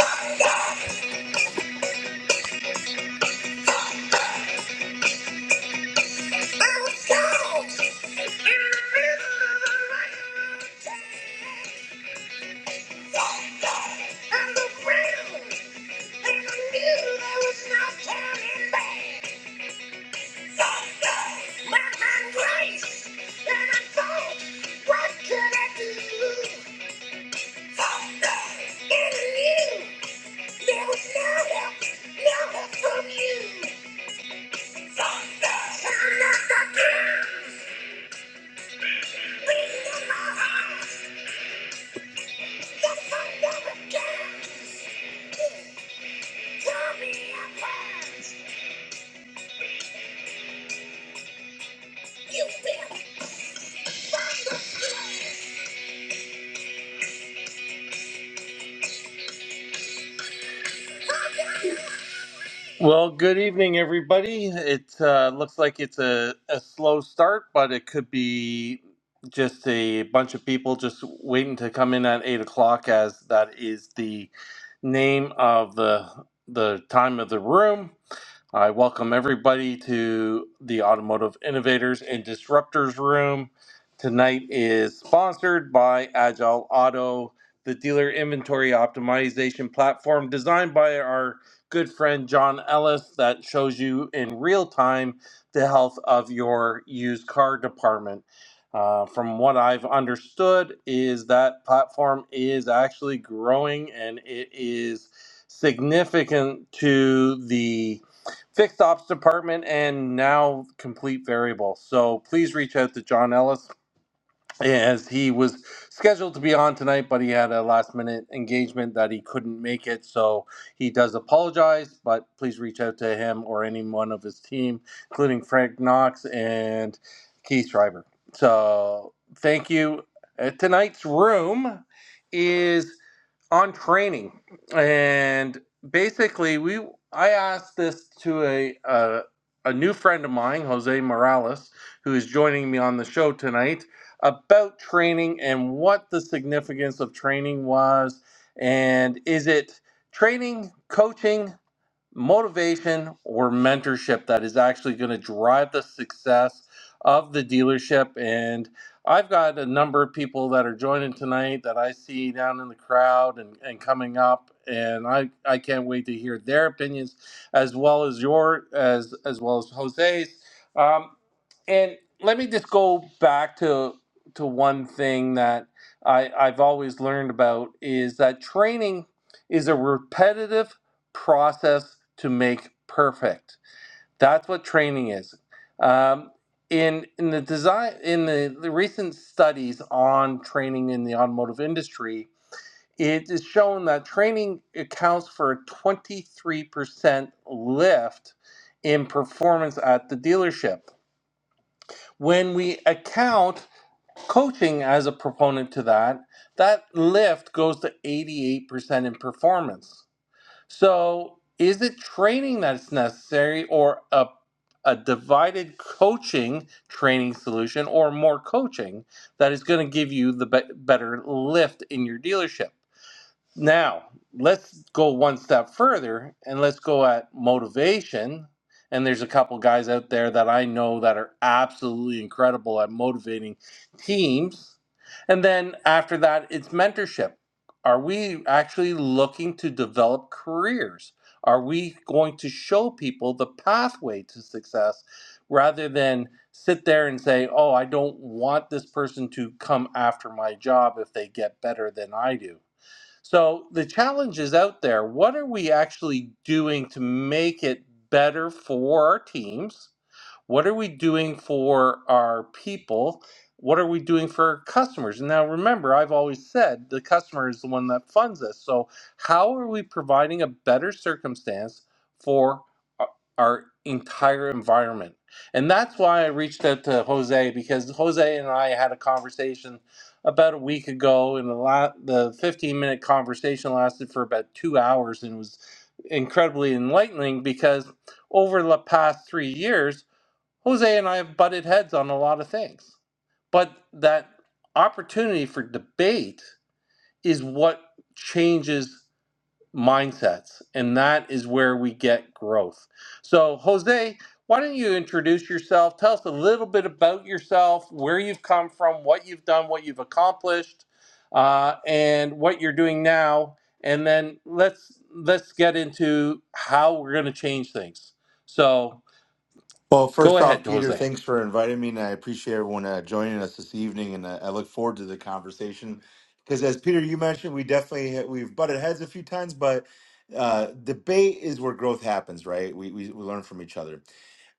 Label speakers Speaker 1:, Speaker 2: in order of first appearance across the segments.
Speaker 1: Thunder! Sound of the drums! Beat in my heart! Tell me your plans. You built from the floor. Well, good evening, everybody. It uh, looks like it's a, a slow start, but it could be just a bunch of people just waiting to come in at eight o'clock, as that is the name of the the time of the room. I welcome everybody to the Automotive Innovators and Disruptors Room. Tonight is sponsored by Agile Auto, the dealer inventory optimization platform designed by our good friend John Ellis that shows you in real time the health of your used car department. Uh, from what I've understood, is that platform is actually growing and it is significant to the fixed ops department and now complete variable. So please reach out to John Ellis as he was scheduled to be on tonight, but he had a last minute engagement that he couldn't make it. So he does apologize, but please reach out to him or anyone of his team, including Frank Knox and Keith Schreiber. So thank you. Uh, tonight's room is on training, and basically we I asked this to a a, a new friend of mine, Jose Morales, who is joining me on the show tonight, about training and what the significance of training was, and is it training, coaching? motivation or mentorship that is actually going to drive the success of the dealership. And I've got a number of people that are joining tonight that I see down in the crowd and, and coming up. And I, I can't wait to hear their opinions as well as your as as well as Jose's. Um, and let me just go back to to one thing that I, I've always learned about is that training is a repetitive process to make perfect. That's what training is. Um, in in the design in the, the recent studies on training in the automotive industry, it is shown that training accounts for a 23% lift in performance at the dealership. When we account coaching as a proponent to that, that lift goes to 88% in performance. So, is it training that's necessary or a, a divided coaching training solution or more coaching that is going to give you the be- better lift in your dealership? Now, let's go one step further and let's go at motivation. And there's a couple guys out there that I know that are absolutely incredible at motivating teams. And then after that, it's mentorship. Are we actually looking to develop careers? Are we going to show people the pathway to success rather than sit there and say, oh, I don't want this person to come after my job if they get better than I do? So the challenge is out there. What are we actually doing to make it better for our teams? What are we doing for our people? What are we doing for our customers? And Now, remember, I've always said the customer is the one that funds us. So, how are we providing a better circumstance for our entire environment? And that's why I reached out to Jose because Jose and I had a conversation about a week ago, and the la- the 15 minute conversation lasted for about two hours, and was incredibly enlightening because over the past three years Jose and I have butted heads on a lot of things, but that opportunity for debate is what changes mindsets, and that is where we get growth. So, Jose, why don't you introduce yourself? Tell us a little bit about yourself, where you've come from, what you've done, what you've accomplished, uh, and what you're doing now, and then let's let's get into how we're going to change things. So,
Speaker 2: Well,
Speaker 1: go
Speaker 2: first off,
Speaker 1: ahead,
Speaker 2: Peter,
Speaker 1: Jose.
Speaker 2: thanks for inviting me, and I appreciate everyone uh, joining us this evening, and uh, I look forward to the conversation. Because as Peter, you mentioned, we definitely we've butted heads a few times, but uh, debate is where growth happens, right? We, we we learn from each other.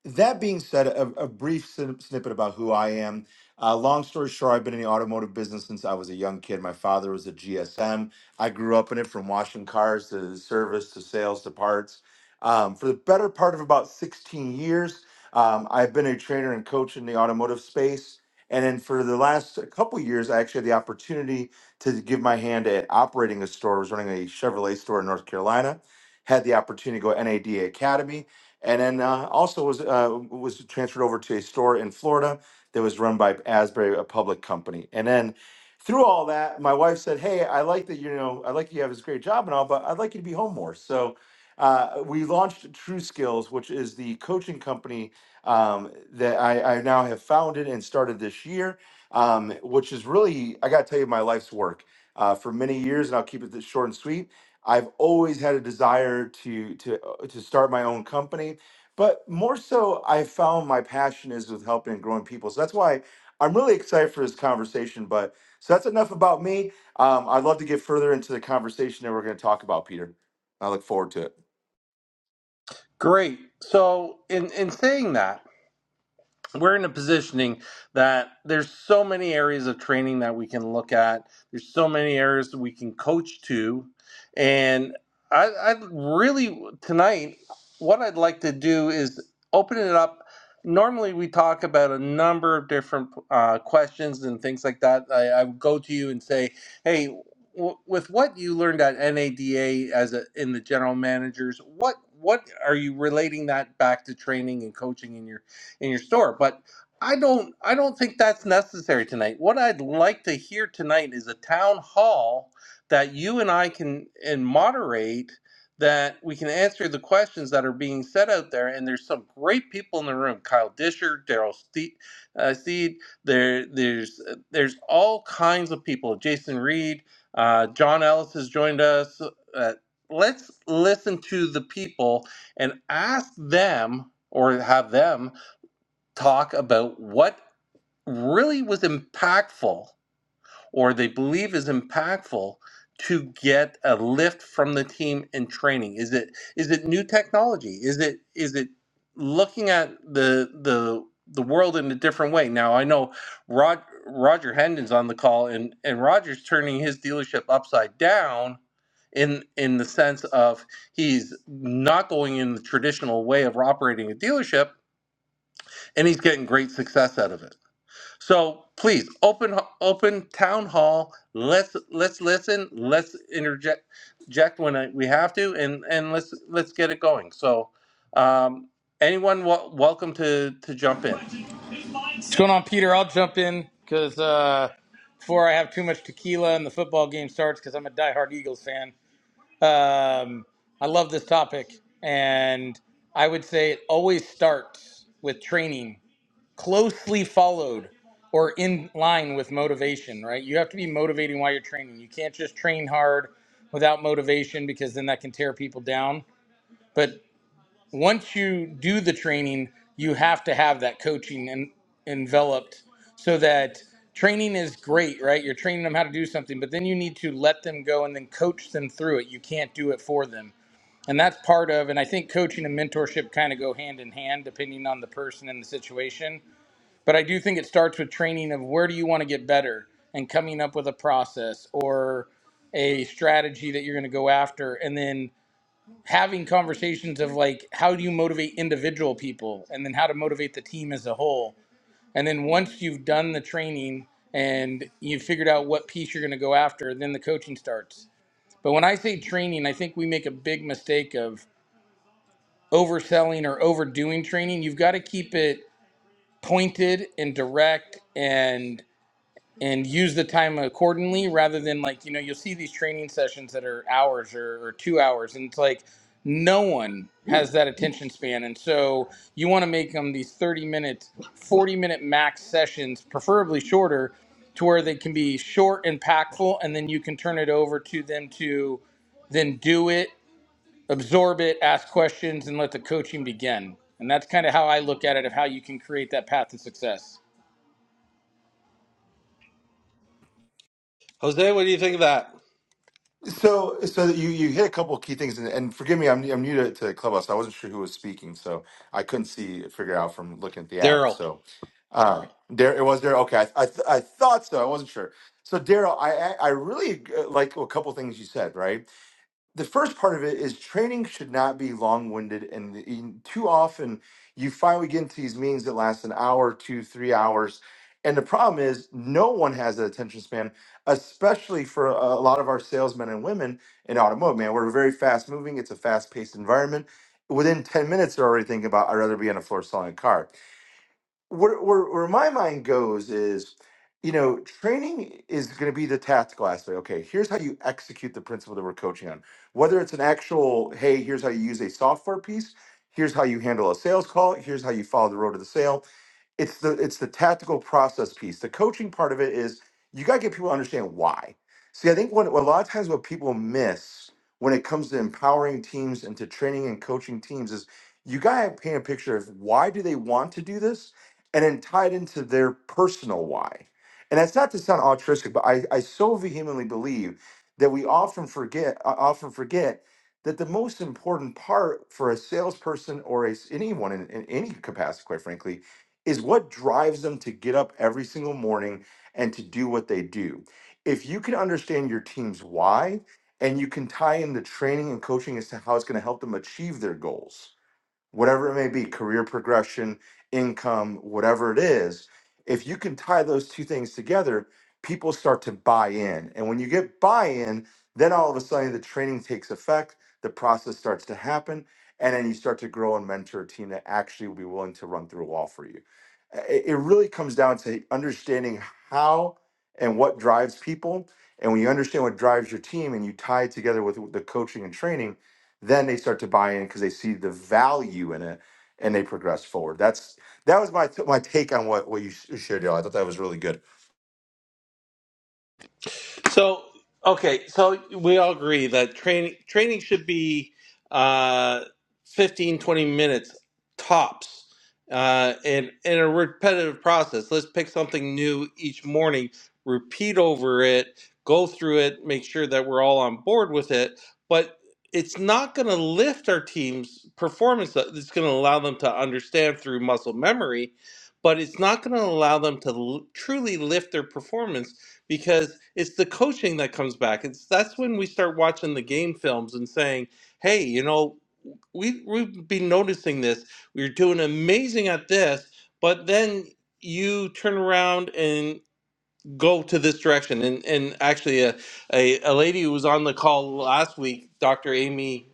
Speaker 2: That being said, a, a brief snip- snippet about who I am. Uh, long story short, I've been in the automotive business since I was a young kid. My father was a GSM. I grew up in it from washing cars to service to sales to parts. Um, for the better part of about 16 years, um, I've been a trainer and coach in the automotive space. And then for the last couple years, I actually had the opportunity to give my hand at operating a store. I was running a Chevrolet store in North Carolina, had the opportunity to go NADA Academy and then uh, also was uh, was transferred over to a store in Florida that was run by Asbury, a public company. And then through all that, my wife said, "Hey, I like that you know I like that you have this great job and all, but I'd like you to be home more." So uh, we launched True Skills, which is the coaching company um, that I, I now have founded and started this year, um, which is really I got to tell you my life's work. Uh, for many years, and I'll keep it this short and sweet. I've always had a desire to to uh, to start my own company, but more so, I found my passion is with helping and growing people. So that's why I'm really excited for this conversation. But so that's enough about me. Um, I'd love to get further into the conversation that we're going to talk about, Peter. I look forward to it.
Speaker 1: Great. So, in in saying that, we're in a positioning that there's so many areas of training that we can look at. There's so many areas that we can coach to, and I, I really tonight what I'd like to do is open it up. Normally, we talk about a number of different uh, questions and things like that. I, I would go to you and say, "Hey, w- with what you learned at NADA as a, in the general managers, what what are you relating that back to training and coaching in your?" in your store. But I don't I don't think that's necessary tonight. What I'd like to hear tonight is a town hall that you and I can and moderate that we can answer the questions that are being set out there and there's some great people in the room kyle disher daryl Ste- uh, steed there there's there's all kinds of people jason reed uh, john ellis has joined us uh, let's listen to the people and ask them or have them talk about what really was impactful or they believe is impactful to get a lift from the team in training is it is it new technology is it is it looking at the the the world in a different way now i know Rod, roger hendon's on the call and and roger's turning his dealership upside down in in the sense of he's not going in the traditional way of operating a dealership and he's getting great success out of it so please open open town hall. Let's let's listen. Let's interject eject when I, we have to, and and let's let's get it going. So um, anyone wel- welcome to to jump in.
Speaker 3: What's going on, Peter? I'll jump in because uh, before I have too much tequila and the football game starts, because I'm a diehard Eagles fan. Um, I love this topic, and I would say it always starts with training, closely followed or in line with motivation. Right? You have to be motivating while you're training. You can't just train hard without motivation because then that can tear people down. But once you do the training, you have to have that coaching and enveloped so that training is great, right? You're training them how to do something, but then you need to let them go and then coach them through it. You can't do it for them. And that's part of, and I think coaching and mentorship kind of go hand in hand depending on the person and the situation. But I do think it starts with training of where do you want to get better and coming up with a process or a strategy that you're going to go after. And then having conversations of like how do you motivate individual people and then how to motivate the team as a whole and then once you've done the training and you've figured out what piece you're going to go after then the coaching starts but when i say training i think we make a big mistake of overselling or overdoing training you've got to keep it pointed and direct and and use the time accordingly rather than like you know you'll see these training sessions that are hours or, or two hours and it's like no one has that attention span and so you want to make them these 30 minute 40 minute max sessions preferably shorter to where they can be short impactful and then you can turn it over to them to then do it absorb it ask questions and let the coaching begin and that's kind of how i look at it of how you can create that path to success
Speaker 1: Jose, what do you think of that?
Speaker 2: So, so that you you hit a couple of key things, and, and forgive me, I'm I'm new to, to Clubhouse. I wasn't sure who was speaking, so I couldn't see figure out from looking at the app.
Speaker 1: Daryl.
Speaker 2: So, uh, there it was there. Okay, I I, th- I thought so. I wasn't sure. So, Daryl, I I I really uh, like a couple things you said, right? the first part of it is training should not be long-winded and the- in- too often you finally get into these meetings that last an hour two three hours and the problem is no one has an attention span especially for a a lot of our salesmen and women in automotive man we're very fast moving it's a fast-paced environment within 10 minutes they're already thinking about i'd rather be on the floor selling a car where, where, where my mind goes is, you know, training is going to be the tactical aspect. Okay, here's how you execute the principle that we're coaching on. Whether it's an actual, hey, here's how you use a software piece, here's how you handle a sales call, here's how you follow the road to the sale, it's the it's the tactical process piece. The coaching part of it is you got to get people to understand why. See, I think what a lot of times what people miss when it comes to empowering teams and to training and coaching teams is you got to paint a picture of why do they want to do this and then tie it into their personal why. And that's not to sound altruistic, but I, I so vehemently believe that we often forget uh, often forget that the most important part for a salesperson or a, s- anyone in, in any capacity, quite frankly, is what drives them to get up every single morning and to do what they do. If you can understand your team's why and you can tie in the training and coaching as to how it's going to help them achieve their goals whatever it may be, career progression, income, whatever it is, if you can tie those two things together, people start to buy in. And when you get buy in, then all of a sudden the training takes effect, the process starts to happen, and then you start to grow and mentor a team that actually will be willing to run through a wall for you. I- It, it really comes down to understanding how and what drives people. And when you understand what drives your team and you tie it together with the coaching and training, then they start to buy in because they see the value in it and they progress forward that's that was my my take on what what you sh- shared y'all i thought that was really good
Speaker 1: So okay, so we all agree that training training should be uh, 15, twenty minutes tops, uh, and in a repetitive process. Let's pick something new each morning, repeat over it, go through it, make sure that we're all on board with it. But it's not going to lift our team's performance. uh, It's going to allow them to understand through muscle memory, but it's not going to allow them to l- truly lift their performance because it's the coaching that comes back. It's that's when we start watching the game films and saying, "Hey, you know, we we've been noticing this. We are doing amazing at this, but then you turn around and go to this direction." And and actually, a a, a lady who was on the call last week, Dr. Amy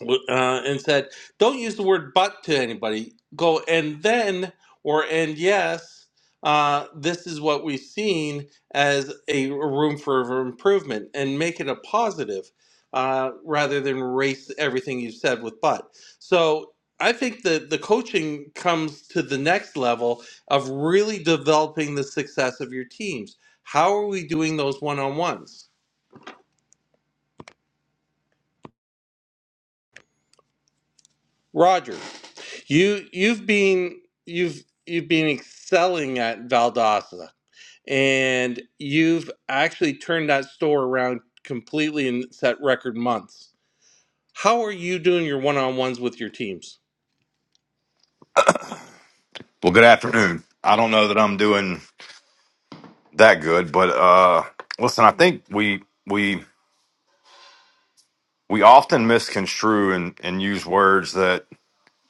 Speaker 1: w- uh, and said, "Don't use the word but to anybody. Go and then or and yes. Uh, this is what we've seen as a room for improvement, and make it a positive uh, rather than erase everything you've said with but." So. I think that the coaching comes to the next level of really developing the success of your teams. How are we doing those one on ones? Roger. You you've been you've you've been excelling at Valdosta, and you've actually turned that store around completely and set record months. How are you doing your one-on-ones with your teams?
Speaker 4: Well, good afternoon. I don't know that I'm doing that good, but uh, listen, I think we we we often misconstrue and, and use words that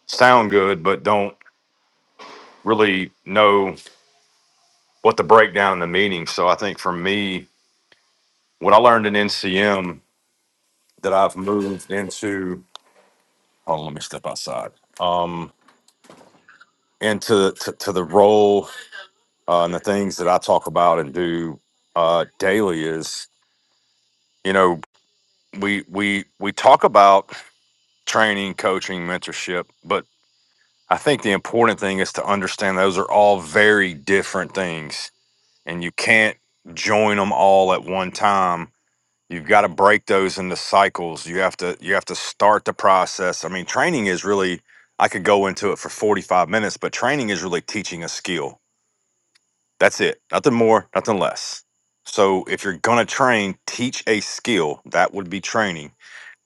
Speaker 4: sound good but don't really know what the breakdown and the meaning. So I think for me, what I learned in NCM that I've moved into. Hold on, let me step outside. Um, into to, to the role uh, and the things that I talk about and do uh, daily is you know we we we talk about training, coaching, mentorship. But I think the important thing is to understand those are all very different things and you can't join them all at one time. You've got to break those into cycles. You have to you have to start the process. I mean, training is really I could go into it for 45 minutes, but training is really teaching a skill. That's it. Nothing more, nothing less. So if you're going to train, teach a skill. That would be training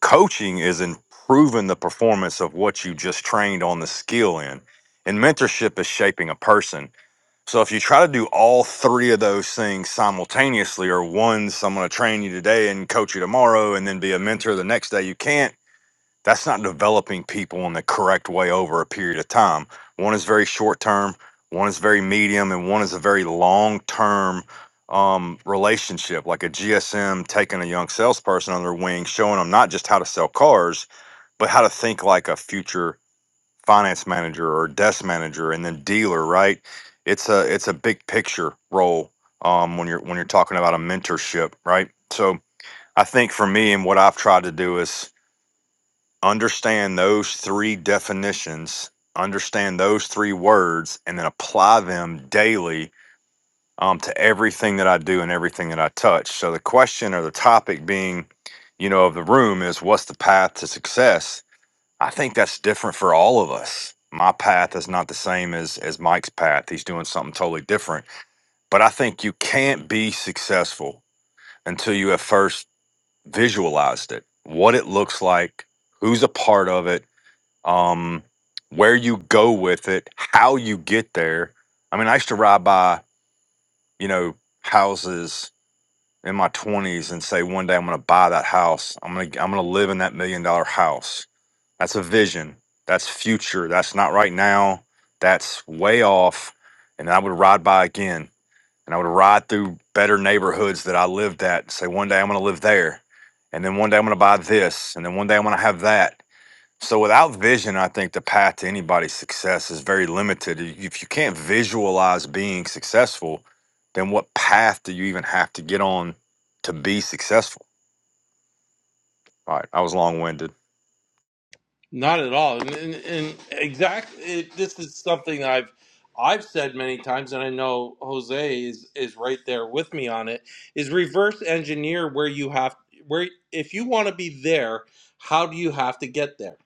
Speaker 4: coaching is improving the performance of what you just trained on the skill in and mentorship is shaping a person so if you try to do all three of those things simultaneously or one so i'm going to train you today and coach you tomorrow and then be a mentor the next day you can't that's not developing people in the correct way over a period of time. One is very short term, one is very medium, and one is a very long term um, relationship, like a GSM taking a young salesperson under wing, showing them not just how to sell cars, but how to think like a future finance manager or desk manager and then dealer, right? It's a it's a big picture role um, when you're when you're talking about a mentorship, right? So I think for me and what I've tried to do is understand those three definitions, understand those three words, and then apply them daily um, to everything that I do and everything that I touch. So, the question or the topic being, you know, of the room is what's the path to success? I think that's different for all of us. My path is not the same as, as Mike's path. He's doing something totally different. But I think you can't be successful until you have first visualized it, what it looks like, who's a part of it, um, where you go with it, how you get there. I mean, I used to ride by, you know, houses in my 20s and say, one day I'm going to buy that house. I'm going to, I'm going to live in that million dollar house. That's a vision. That's future. That's not right now. That's way off. And I would ride by again and I would ride through better neighborhoods that I lived at and say, one day I'm going to live there. And then one day I'm going to buy this. And then one day I'm going to have that so without vision, I think the path to anybody's success is very limited. If if you can't visualize being successful, then what path do you even have to get on to be successful? All right, I was long-winded.
Speaker 1: Not at all. And, and, and exact, it, this is something that I've I've said many times, and I know Jose is is right there with me on it. Is reverse engineer where you have where if you want to be there, how do you have to get there?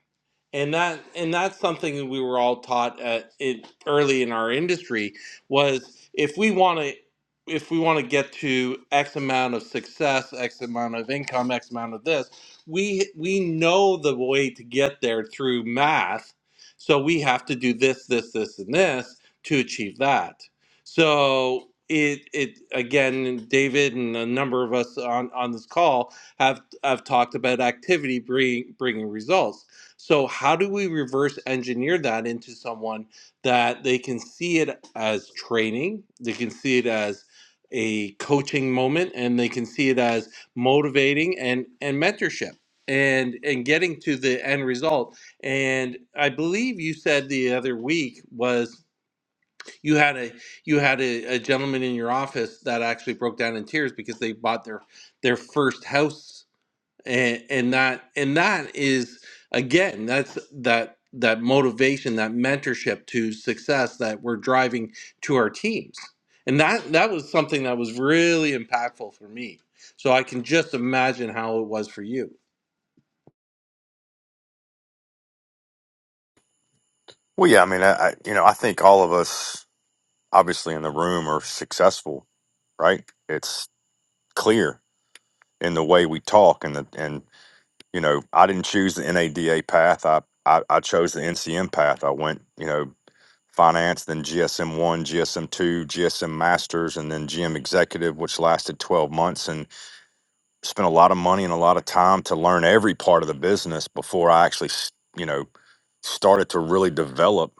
Speaker 1: and that and that's something that we were all taught at it early in our industry was if we want to if we want to get to x amount of success x amount of income x amount of this we we know the way to get there through math so we have to do this this this and this to achieve that so it it again david and a number of us on on this call have have talked about activity bring, bringing results so, how do we reverse engineer that into someone that they can see it as training, they can see it as a coaching moment, and they can see it as motivating and and mentorship and and getting to the end result. And I believe you said the other week was you had a you had a, a gentleman in your office that actually broke down in tears because they bought their their first house and and that and that is again that's that that motivation that mentorship to success that we're driving to our teams and that that was something that was really impactful for me so i can just imagine how it was for you
Speaker 4: Well, yeah, I mean, I, I you know, I think all of us obviously in the room are successful, right? It's clear in the way we talk and the and you know, I didn't choose the NADA path. I I, I chose the NCM path. I went, you know, finance, then GSM one, GSM two, GSM masters, and then GM executive, which lasted 12 months and spent a lot of money and a lot of time to learn every part of the business before I actually, s- you know, started to really develop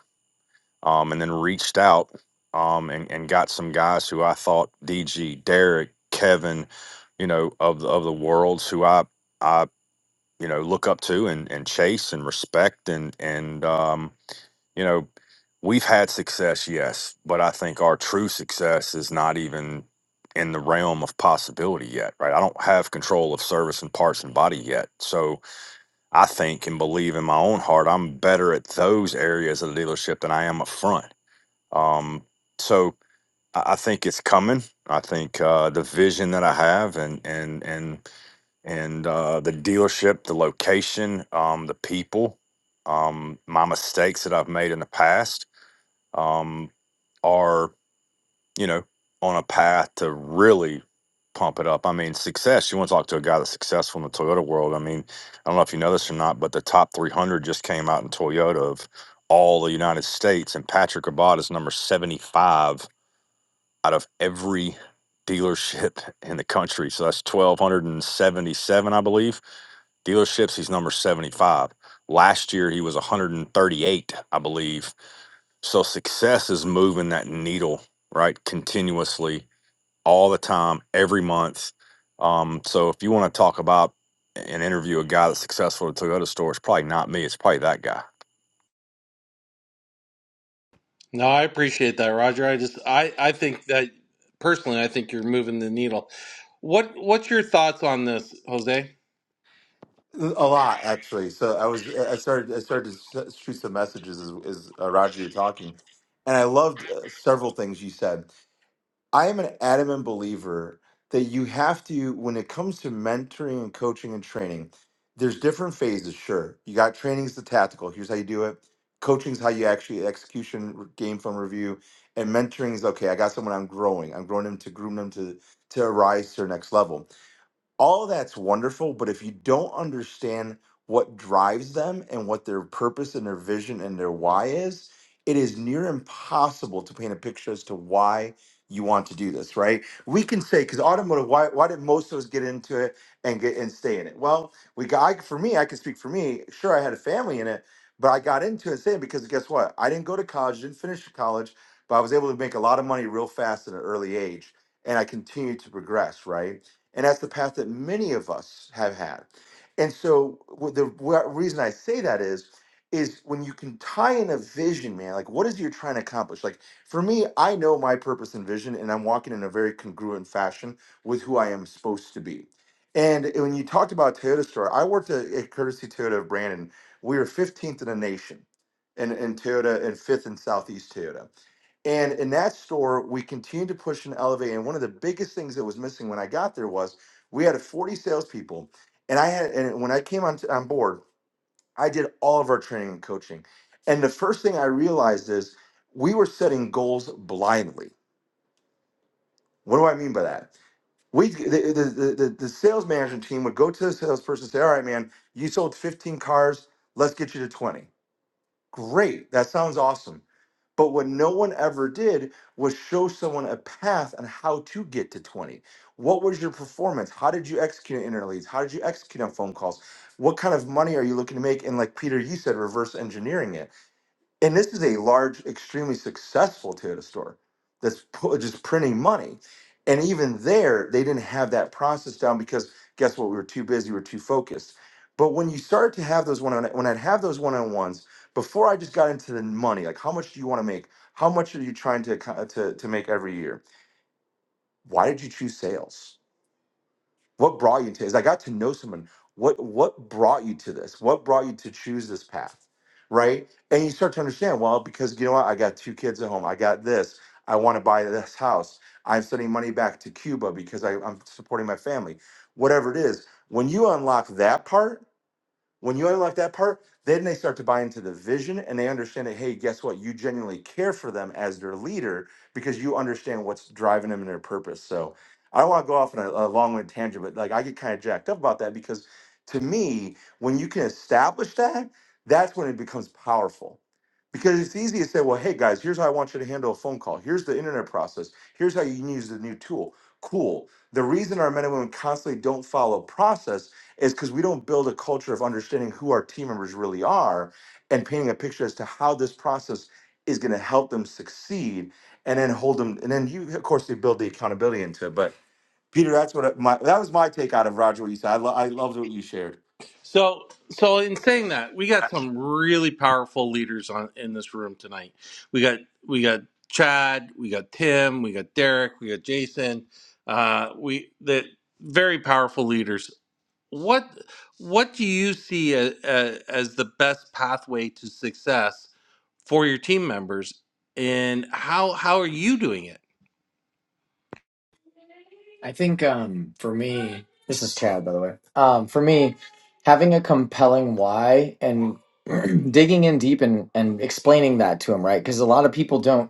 Speaker 4: um, and then reached out um, and, and got some guys who I thought DG, Derek, Kevin, you know, of the, of the worlds who I, I, you know, look up to and, and chase and respect and, and, um, you know, we've had success, yes, but I think our true success is not even in the realm of possibility yet, right? I don't have control of service and parts and body yet. So I think and believe in my own heart, I'm better at those areas of the dealership than I am up front. Um, so I I think it's coming. I think uh, the vision that I have and and and and uh, the dealership, the location, um, the people, um, my mistakes that I've made in the past um, are you know on a path to really pump it up. I mean, success. You want to talk to a guy that's successful in the Toyota world. I mean, I don't know if you know this or not, but the top 300 just came out in Toyota of all the United States, and Patrick Abad is number 75 out of every dealership in the country. So that's 1,277, I believe dealerships he's number 75 last year he was 138 i believe so success is moving that needle, right? Continuously, all the time, every month. Um, so if you want to talk about and interview a guy that's successful at a Toyota store, it's probably not me. It's probably that guy.
Speaker 1: no i appreciate that roger i just i i think that personally i think you're moving the needle what what's your thoughts on this jose
Speaker 2: a lot actually so i was i started i started to s- shoot some messages as, as uh, roger you were talking and i loved uh, several things you said I am an adamant believer that you have to, when it comes to mentoring and coaching and training, there's different phases. Sure, you got training's the tactical. Here's how you do it. Coaching's how you actually execution r- game film review, and mentoring is okay. I got someone I'm growing. I'm growing them to groom them to to rise to their next level all that's wonderful, but if you don't understand what drives them and what their purpose and their vision and their why is, it is near impossible to paint a picture as to why you want to do this, right? We can say, because automotive, why, why did most of us get into it and get and stay in it? Well, we got I, for me, I can speak for me. Sure, I had a family in it, but I got into it and stayed because guess what? I didn't go to college, didn't finish college, but I was able to make a lot of money real fast at an early age, and I continued to progress, right? And that's the path that many of us have had. And so wh- the wh- reason I say that is, is when you can tie in a vision, man, like what is it you're trying to accomplish? Like for me, I know my purpose and vision, and I'm walking in a very congruent fashion with who I am supposed to be. And when you talked about Toyota Store, I worked at, at Courtesy Toyota of Brandon. We were 15th in the nation in, in Toyota and fifth in Southeast Toyota. And in that store, we continued to push and elevate. And one of the biggest things that was missing when I got there was we had 40 salespeople. And I had, and when I came on, on board, I did all of our training and coaching. And the first thing I realized is we were setting goals blindly. What do I mean by that? We, the, the, the, the the sales management team would go to the salesperson and say, All right, man, you sold 15 cars. Let's get you to 20. Great. That sounds awesome. But what no one ever did was show someone a path on how to get to 20. What was your performance? How did you execute on interleads? How did you execute on phone calls? What kind of money are you looking to make? And like Peter, you said, reverse engineering it and this is a large, extremely successful Toyota store that's pu- just printing money. And even there, they didn't have that process down because guess what? We were too busy, we were too focused. But when you start to have those one on when I'd have those one on ones, before I just got into the money, like how much do you want to make? How much are you trying to, acco- to to make every year? Why did you choose sales? What brought you to this? I got to know someone. What what brought you to this? What brought you to choose this path? Right? And you start to understand, well, because you know what? I got two kids at home. I got this. I want to buy this house. I'm sending money back to Cuba because I, I'm supporting my family. Whatever it is, when you unlock that part, when you unlock that part, then they start to buy into the vision and they understand that, hey, guess what? You genuinely care for them as their leader because you understand what's driving them and their purpose. So I don't want to go off on a, a long winded tangent, but like I get kind of jacked up about that because to me, when you can establish that, that's when it becomes powerful. Because it's easy to say, well, hey guys, here's how I want you to handle a phone call. Here's the internet process. Here's how you can use the new tool. Cool. The reason our men and women constantly don't follow process is because we don't build a culture of understanding who our team members really are and painting a picture as to how this process is going to help them succeed and then hold them and then you of course you build the accountability into it but peter that's what I- my that was my take out of roger what you said i, lo- I loved what you shared
Speaker 1: So, so in saying that, we got some really powerful leaders on in this room tonight. We got we got Chad, we got Tim, we got Derek, we got Jason. Uh, we the very powerful leaders. What what do you see a, a, as the best pathway to success for your team members, and how how are you doing it?
Speaker 5: I think um for me, this is Chad by the way. Um for me, having a compelling why and digging in deep and and explaining that to him, right? Because a lot of people don't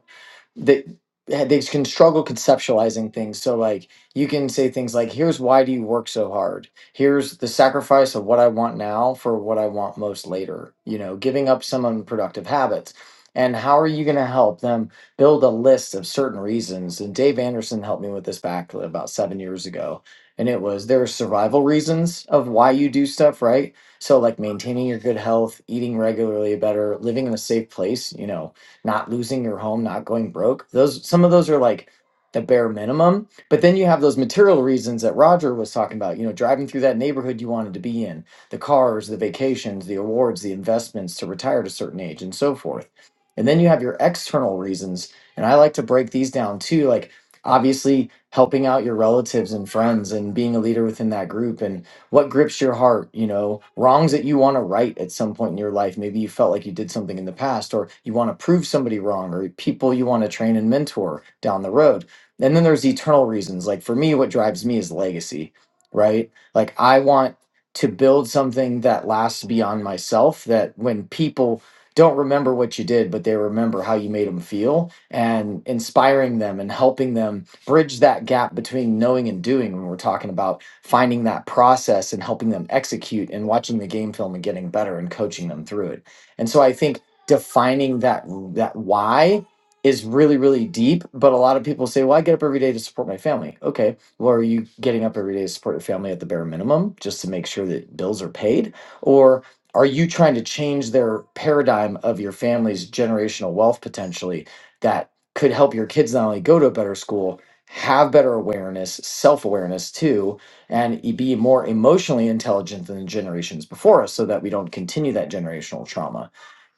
Speaker 5: they they can struggle conceptualizing things. So like you can say things like, "Here's why do you work so hard? Here's the sacrifice of what I want now for what I want most later." You know, giving up some unproductive habits. And how are you going to help them build a list of certain reasons? And Dave Anderson helped me with this back about seven years ago. And it was there are survival reasons of why you do stuff, right? So, like maintaining your good health, eating regularly better, living in a safe place, you know, not losing your home, not going broke. Those some of those are like the bare minimum. But then you have those material reasons that Roger was talking about, you know, driving through that neighborhood you wanted to be in, the cars, the vacations, the awards, the investments to retire at a certain age and so forth. And then you have your external reasons, and I like to break these down too, like obviously helping out your relatives and friends and being a leader within that group and what grips your heart you know wrongs that you want to right at some point in your life maybe you felt like you did something in the past or you want to prove somebody wrong or people you want to train and mentor down the road and then there's eternal reasons like for me what drives me is legacy right like i want to build something that lasts beyond myself that when people don't remember what you did but they remember how you made them feel and inspiring them and helping them bridge that gap between knowing and doing when we're talking about finding that process and helping them execute and watching the game film and getting better and coaching them through it. And so I think defining that that why is really really deep but a lot of people say well i get up every day to support my family okay well are you getting up every day to support your family at the bare minimum just to make sure that bills are paid or are you trying to change their paradigm of your family's generational wealth potentially that could help your kids not only go to a better school have better awareness self-awareness too and e- be more emotionally intelligent than the generations before us so that we don't continue that generational trauma.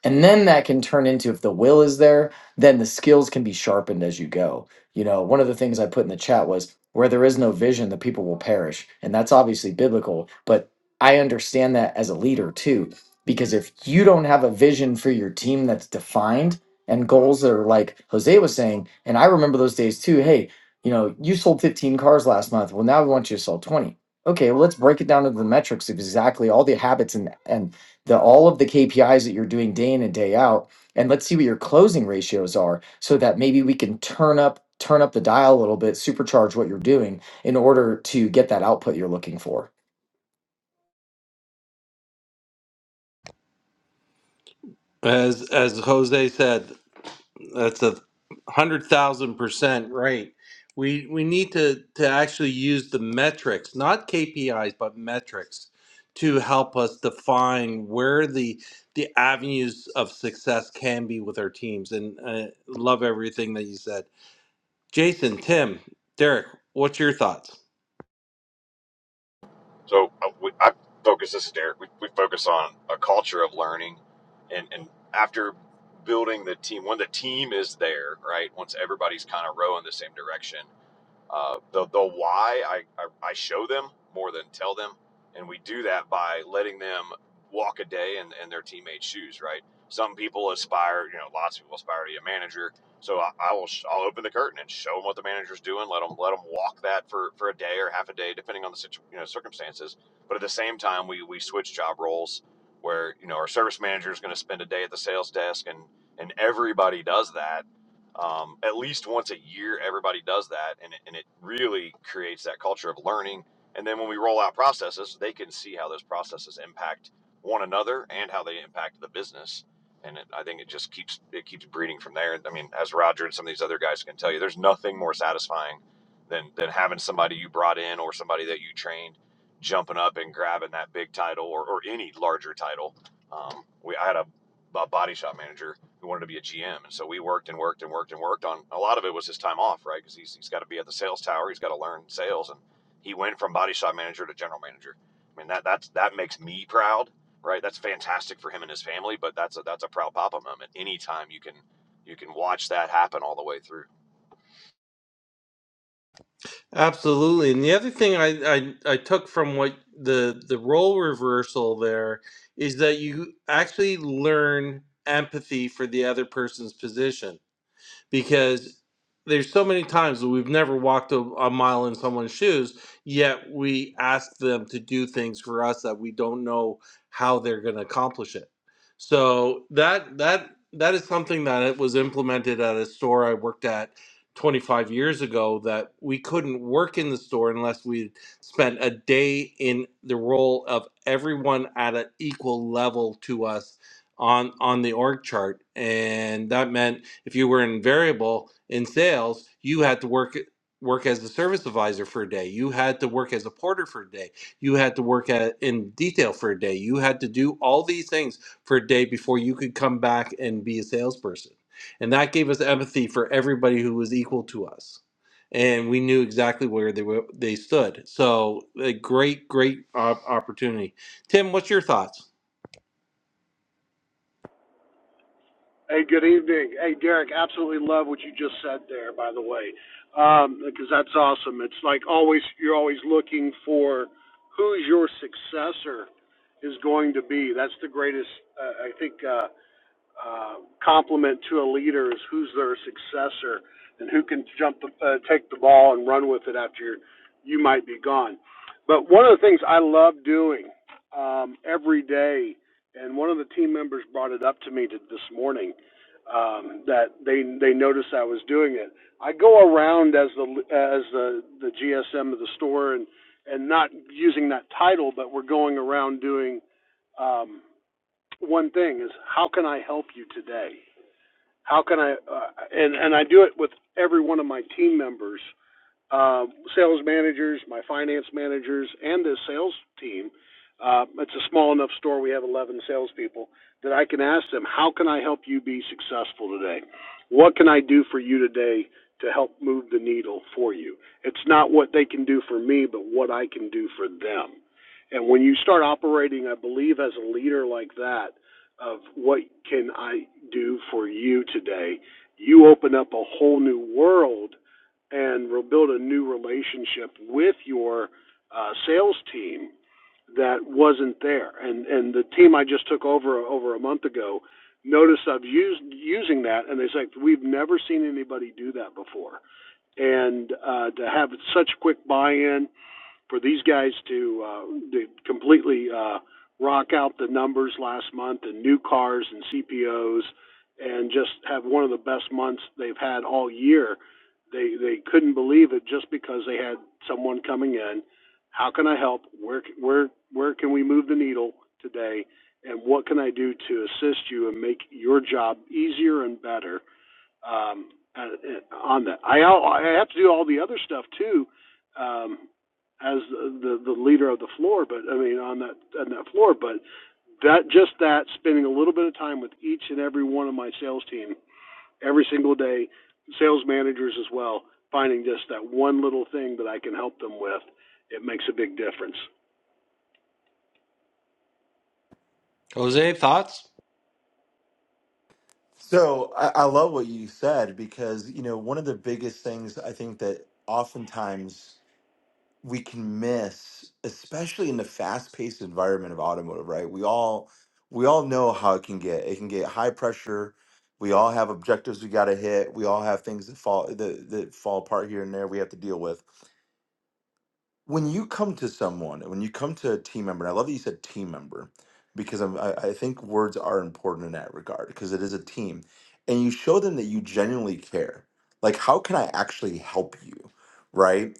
Speaker 5: And then that can turn into if the will is there, then the skills can be sharpened as you go. You know, one of the things I put in the chat was where there is no vision, the people will perish. And that's obviously biblical, but I understand that as a leader too, because if you don't have a vision for your team that's defined and goals that are like Jose was saying, and I remember those days too. Hey, you know, you sold 15 cars last month. Well, now we want you to sell 20. Okay, well, let's break it down into the metrics of exactly all the habits and and the all of the KPIs that you're doing day in and day out, and let's see what your closing ratios are, so that maybe we can turn up turn up the dial a little bit, supercharge what you're doing in order to get that output you're looking for.
Speaker 1: As as Jose said, That's a hundred thousand percent right. We we need to to actually use the metrics, not KPIs, but metrics, to help us define where the the avenues of success can be with our teams. And I love everything that you said, Jason, Tim, Derek. What's your thoughts?
Speaker 6: So uh, we, I focus this is Derek. We, we focus on a culture of learning, and and after building the team, when the team is there, right? Once everybody's kind of rowing the same direction, uh, the the why I, I I show them more than tell them, and we do that by letting them walk a day in, in their teammates' shoes. Right? Some people aspire, you know, lots of people aspire to be a manager. So I, I will sh- I'll open the curtain and show them what the manager's doing. Let them let them walk that for, for a day or half a day, depending on the situ- you know circumstances. But at the same time, we we switch job roles where you know our service manager is going to spend a day at the sales desk and and everybody does that um, at least once a year everybody does that and it, and it really creates that culture of learning and then when we roll out processes they can see how those processes impact one another and how they impact the business and it, i think it just keeps it keeps breeding from there i mean as roger and some of these other guys can tell you there's nothing more satisfying than than having somebody you brought in or somebody that you trained jumping up and grabbing that big title or, or any larger title um, we I had a, a body shop manager who wanted to be a GM. And so we worked and worked and worked and worked on a lot of it was his time off, right? Because he's, he's got to be at the sales tower, he's got to learn sales. And he went from body shop manager to general manager. I mean, that that's, that makes me proud, right? That's fantastic for him and his family, but that's a, that's a proud papa moment. Anytime you can, you can watch that happen all the way through.
Speaker 1: Absolutely. And the other thing I, I, I took from what the the role reversal there is that you actually learn empathy for the other person's position because there's so many times that we've never walked a, a mile in someone's shoes, yet we ask them to do things for us that we don't know how they're going to accomplish it. So that that that is something that it was implemented at a store I worked at 25 years ago that we couldn't work in the store unless we spent a day in the role of everyone at an equal level to us on on the org chart and that meant if you were in variable in sales, you had to work work as a service advisor for a day. You had to work as a porter for a day. You had to work at, in detail for a day. You had to do all these things for a day before you could come back and be a salesperson. And that gave us empathy for everybody who was equal to us and we knew exactly where they were they stood. So a great, great op- opportunity. Tim, what's your thoughts?
Speaker 7: Hey, good evening. Hey, Derek, absolutely love what you just said there, by the way, um, because that's awesome. It's like always, you're always looking for who's your successor is going to be. That's the greatest, uh, I think, uh, uh, compliment to a leader is who's their successor and who can jump, the, uh, take the ball and run with it after you you might be gone. But one of the things I love doing um, every day, and one of the team members brought it up to me to, this morning um, that they they noticed I was doing it. I go around as the as the the GSM of the store and and not using that title, but we're going around doing um, one thing is how can I help you today? How can I uh, and and I do it with every one of my team members uh, sales managers, my finance managers, and the sales team. Uh, it's a small enough store. We have 11 salespeople that I can ask them, "How can I help you be successful today? What can I do for you today to help move the needle for you?" It's not what they can do for me, but what I can do for them. And when you start operating, I believe, as a leader like that, of what can I do for you today, you open up a whole new world and re- build a new relationship with your uh, sales team that wasn't there. And and the team I just took over over a month ago noticed I've used using that, and they said we've never seen anybody do that before. And uh, to have such quick buy-in, for these guys to, uh, to completely uh, rock out the numbers last month and new cars and CPOs and just have one of the best months they've had all year. They they couldn't believe it just because they had someone coming in. How can I help? Where where where can we move the needle today? And what can I do to assist you and make your job easier and better? um, uh, on that. I I have to do all the other stuff too, um, as the the leader of the floor. But I mean, on that on that floor. But that just that spending a little bit of time with each and every one of my sales team every single day, sales managers as well, finding just that one little thing that I can help them with. It makes a big difference.
Speaker 1: Jose, thoughts?
Speaker 2: so I, I love what you said because you know one of the biggest things i think that oftentimes we can miss, especially in the fast-paced environment of automotive, right? We all we all know how it can get. It can get high pressure. We all have objectives we got to hit. We all have things that fall that, that fall apart here and there we have to deal with. When you come to someone, when you come to a team member, and I love that you said team member because I'm, I, I think words are important in that regard because it is a team, and you show them that you genuinely care. Like, how can I actually help you, right?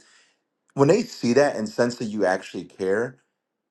Speaker 2: when they see that and sense that you actually care,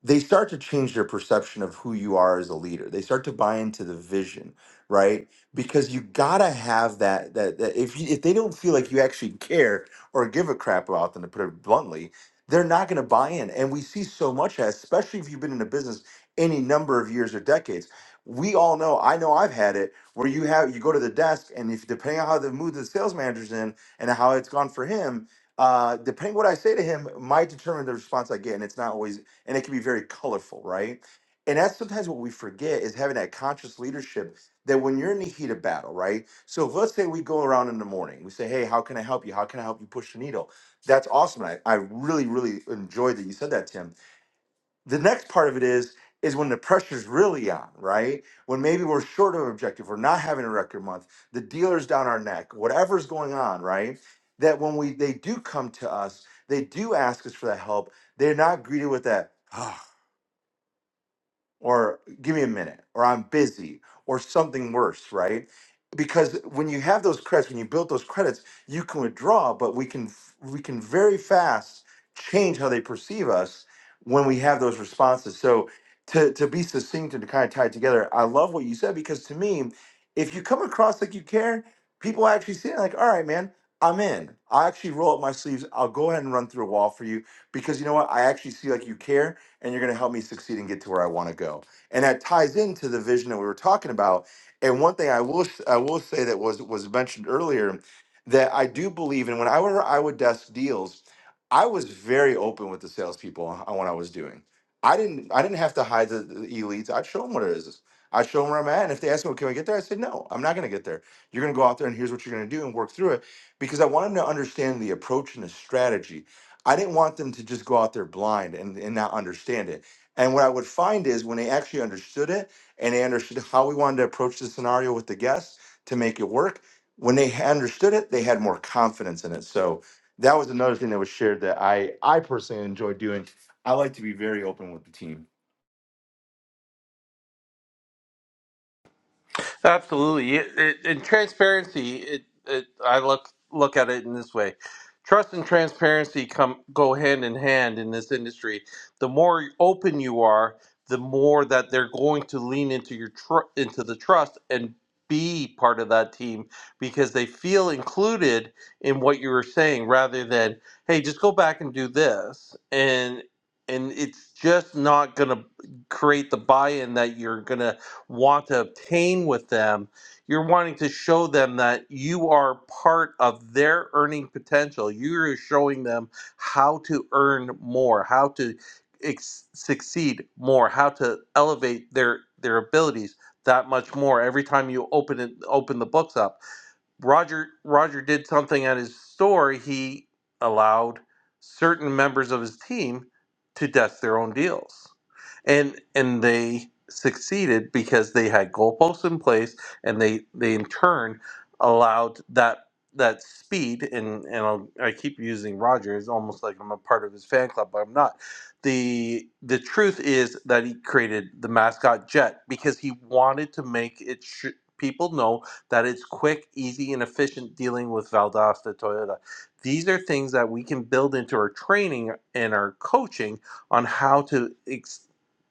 Speaker 2: they start to change their perception of who you are as a leader. They start to buy into the vision, right? Because you gotta have that. That, that if you, if they don't feel like you actually care or give a crap about them, to put it bluntly, they're not gonna buy in. And we see so much, of especially if you've been in a business any number of years or decades. We all know. I know. I've had it where you have you go to the desk, and if depending on how the mood the sales manager's in and how it's gone for him, uh, depending what I say to him, might determine the response I get, and it's not always, and it can be very colorful, right? And that's sometimes what we forget is having that conscious leadership that when you're in the heat of battle, right? So if, let's say we go around in the morning, we say, "Hey, how can I help you? How can I help you push the needle?" That's awesome. and I I really really enjoyed that you said that, Tim the next part of it is is when the pressure's really on, right? When maybe we're short of an objective, we're not having a record month, the dealer's down our neck, whatever's going on, right? That when we they do come to us, they do ask us for that help. They're not greeted with that. "Ah, or give me a minute or i'm busy or something worse right because when you have those credits when you build those credits you can withdraw but we can we can very fast change how they perceive us when we have those responses so to, to be succinct and to kind of tie it together i love what you said because to me if you come across like you care people actually see it like all right man i'm in i actually roll up my sleeves i'll go ahead and run through a wall for you because you know what i actually see like you care and you're going to help me succeed and get to where I want to go. And that ties into the vision that we were talking about. And one thing I will s- I will say that was was mentioned earlier that I do believe in when I were I would desk deals, I was very open with the salespeople on on what I was doing. I didn't I didn't have to hide the, the elites. I'd show them what it is. I'd show them where I'm at. And if they asked me, well, can I get there? I said, no, I'm not going to get there. You're going to go out there and here's what you're going to do and work through it because I want them to understand the approach and the strategy I didn't want them to just go out there blind and, and not understand it. And what I would find is when they actually understood it and they understood how we wanted to approach the scenario with the guests to make it work, when they ha- understood it, they had more confidence in it. So that was another thing that was shared that I I personally enjoy doing. I like to be very open with the team.
Speaker 1: Absolutely. It, it, and transparency, it, it, I look look at it in this way. Trust and transparency come go hand in hand in this industry. The more open you are, the more that they're going to lean into your tr- into the trust and be part of that team because they feel included in what you were saying rather than hey just go back and do this and and it's just not going to create the buy-in that you're going to want to obtain with them. You're wanting to show them that you are part of their earning potential. You're showing them how to earn more, how to ex- succeed more, how to elevate their their abilities that much more every time you open it open the books up. Roger Roger did something at his store. He allowed certain members of his team to desk their own deals and and they succeeded because they had goalposts in place and they they in turn allowed that that speed and and I'll, I keep using Roger it's almost like I'm a part of his fan club but I'm not the the truth is that he created the mascot jet because he wanted to make it sh- people know that it's quick easy and efficient dealing with Valdosta Toyota these are things that we can build into our training and our coaching on how to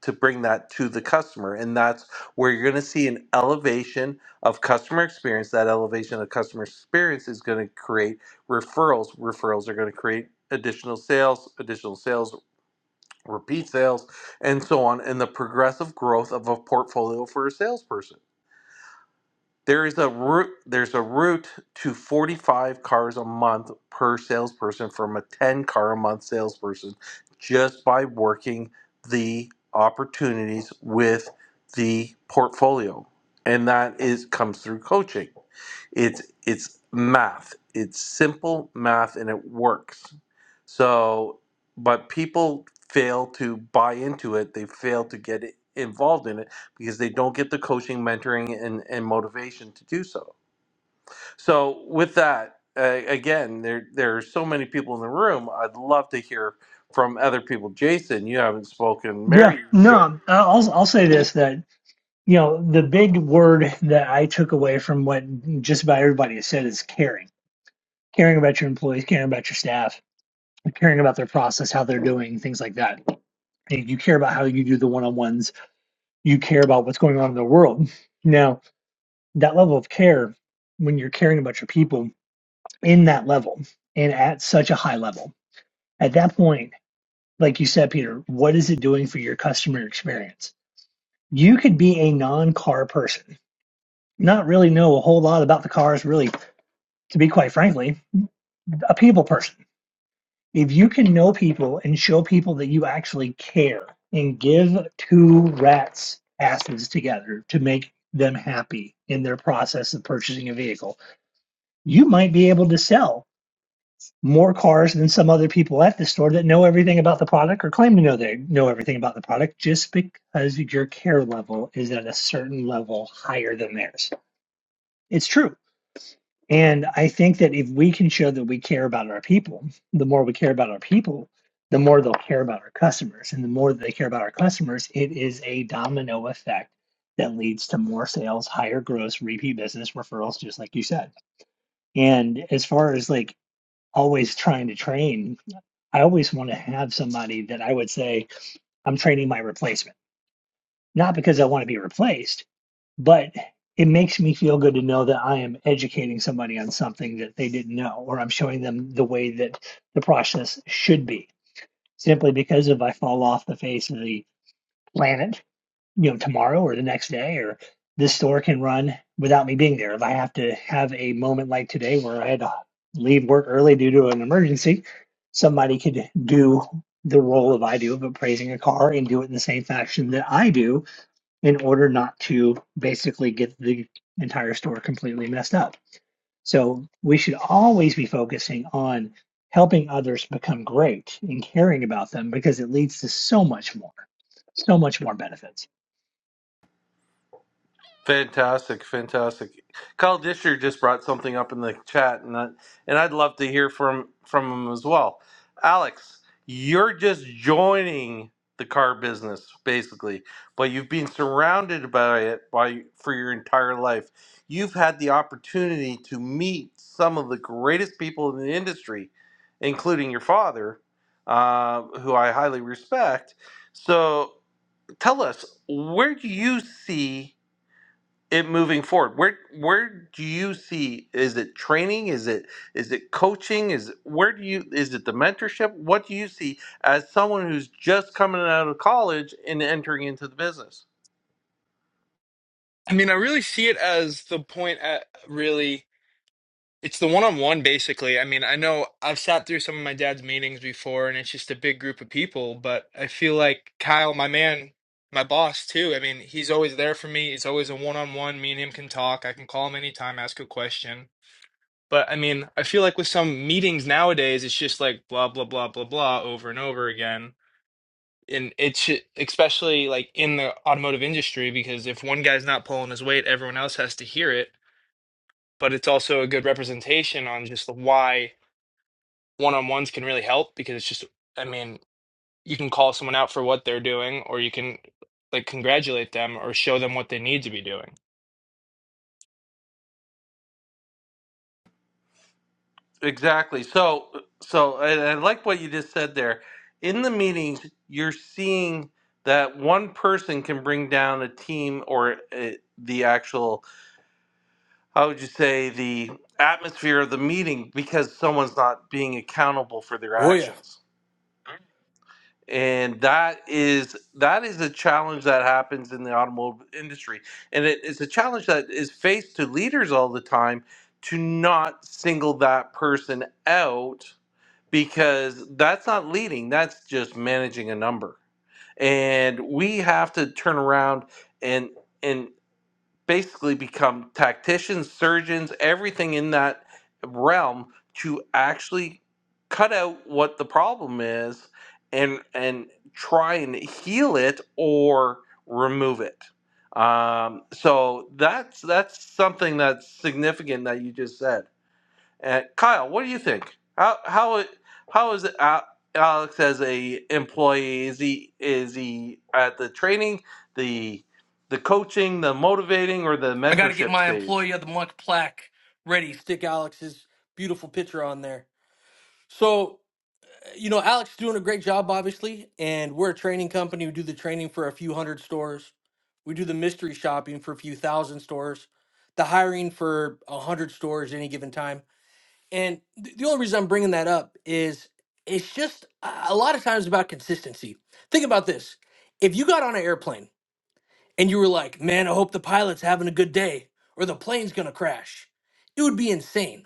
Speaker 1: to bring that to the customer. And that's where you're going to see an elevation of customer experience. That elevation of customer experience is going to create referrals. Referrals are going to create additional sales, additional sales, repeat sales, and so on, and the progressive growth of a portfolio for a salesperson. There is a route. There's a route to 45 cars a month per salesperson from a 10 car a month salesperson, just by working the opportunities with the portfolio, and that is comes through coaching. It's it's math. It's simple math, and it works. So, but people fail to buy into it. They fail to get involved in it because they don't get the coaching, mentoring, and, and motivation to do so. So, with that, uh, again, there there are so many people in the room. I'd love to hear from other people. Jason, you haven't spoken. Mary,
Speaker 8: Yeah,
Speaker 1: you've joined.
Speaker 8: no, uh, I'll I'll say this that you know the big word that I took away from what just about everybody has said is caring, caring about your employees, caring about your staff, caring about their process, how they're doing, things like that. And You care about how you do the one-on-ones. You care about what's going on in the world. Now, that level of care, when you're caring about your people in that level and at such a high level, at that point, like you said, Peter, what is it doing for your customer experience? You could be a non-car person not really know a whole lot about the cars, really, to be quite frankly, a people person. If you can know people and show people that you actually care and give two rats asses together to make them happy in their process of purchasing a vehicle, you might be able to sell more cars than some other people at the store that know everything about the product or claim to know they know everything about the product just because your care level is at a certain level higher than theirs. It's true. And I think that if we can show that we care about our people, the more we care about our people, the more they'll care about our customers. And the more they care about our customers, it is a domino effect that leads to more sales, higher gross, repeat business referrals, just like you said. And as far as like always trying to train, I always want to have somebody that I would say, I'm training my replacement, not because I want to be replaced but it makes me feel good to know that I am educating somebody on something that they didn't know, or I'm showing them the way that the process should be. Simply because if I fall off the face of the planet, you know, tomorrow or the next day, or this store can run without me being there. If I have to have a moment like today where I had to leave work early due to an emergency, somebody could do the role of I do of appraising a car and do it in the same fashion that I do in order not to basically get the entire store completely messed up. So we should always be focusing on helping others become great and caring about them because it leads to so much more, so much more benefits.
Speaker 1: Fantastic, fantastic. Kyle Disher just brought something up in the chat, and I, and I'd love to hear from from him as well. Alex, you're just joining the car business basically, but you've been surrounded by it by for your entire life. You've had the opportunity to meet some of the greatest people in the industry, including your father, uh, who I highly respect. So tell us, where do you see? it moving forward where where do you see is it training is it is it coaching is it, where do you is it the mentorship what do you see as someone who's just coming out of college and entering into the business
Speaker 9: I mean, I really see it as the point at really it's the one-on-one basically. I mean, I know I've sat through some of my dad's meetings before and it's just a big group of people, but I feel like Kyle, my man, my boss too. I mean, he's always there for me. It's always a one-on-one. Me and him can talk. I can call him anytime, ask a question. But I mean, I feel like with some meetings nowadays, it's just like blah blah blah blah blah over and over again. And it's especially like in the automotive industry because if one guy's not pulling his weight, everyone else has to hear it but it's also a good representation on just why one on ones can really help because it's just, I mean, you can call someone out for what they're doing, or you can like congratulate them or show them what they need to be doing.
Speaker 1: exactly so so and i like what you just said there in the meetings you're seeing that one person can bring down a team or uh, the actual how would you say the atmosphere of the meeting because someone's not being accountable for their
Speaker 10: Oh yeah.
Speaker 1: actions and that is that is a challenge that happens in the automotive industry and it is a challenge that is faced to leaders all the time to not single that person out because that's not leading that's just managing a number and we have to turn around and and basically become tacticians, surgeons, everything in that realm to actually cut out what the problem is and and try and heal it or remove it. Um, so that's that's something that's significant that you just said. Uh, Kyle, what do you think? How how how is Al- Alex as a employee? Is he is he at the training, the the coaching, the motivating, or the
Speaker 10: I gotta get
Speaker 1: mentorship
Speaker 10: my
Speaker 1: stage?
Speaker 10: employee of the month plaque ready. Stick Alex's beautiful picture on there. So you know, Alex is doing a great job, obviously, and we're a training company. We do the training for a few hundred stores. We do the mystery shopping for a few thousand stores, the hiring for a hundred stores any given time. And th- the only reason I'm bringing that up is it's just a a lot of times about consistency. Think about this: if you got on an airplane and you were like, man, I hope the pilot's having a good day or the plane's gonna crash, it would be insane.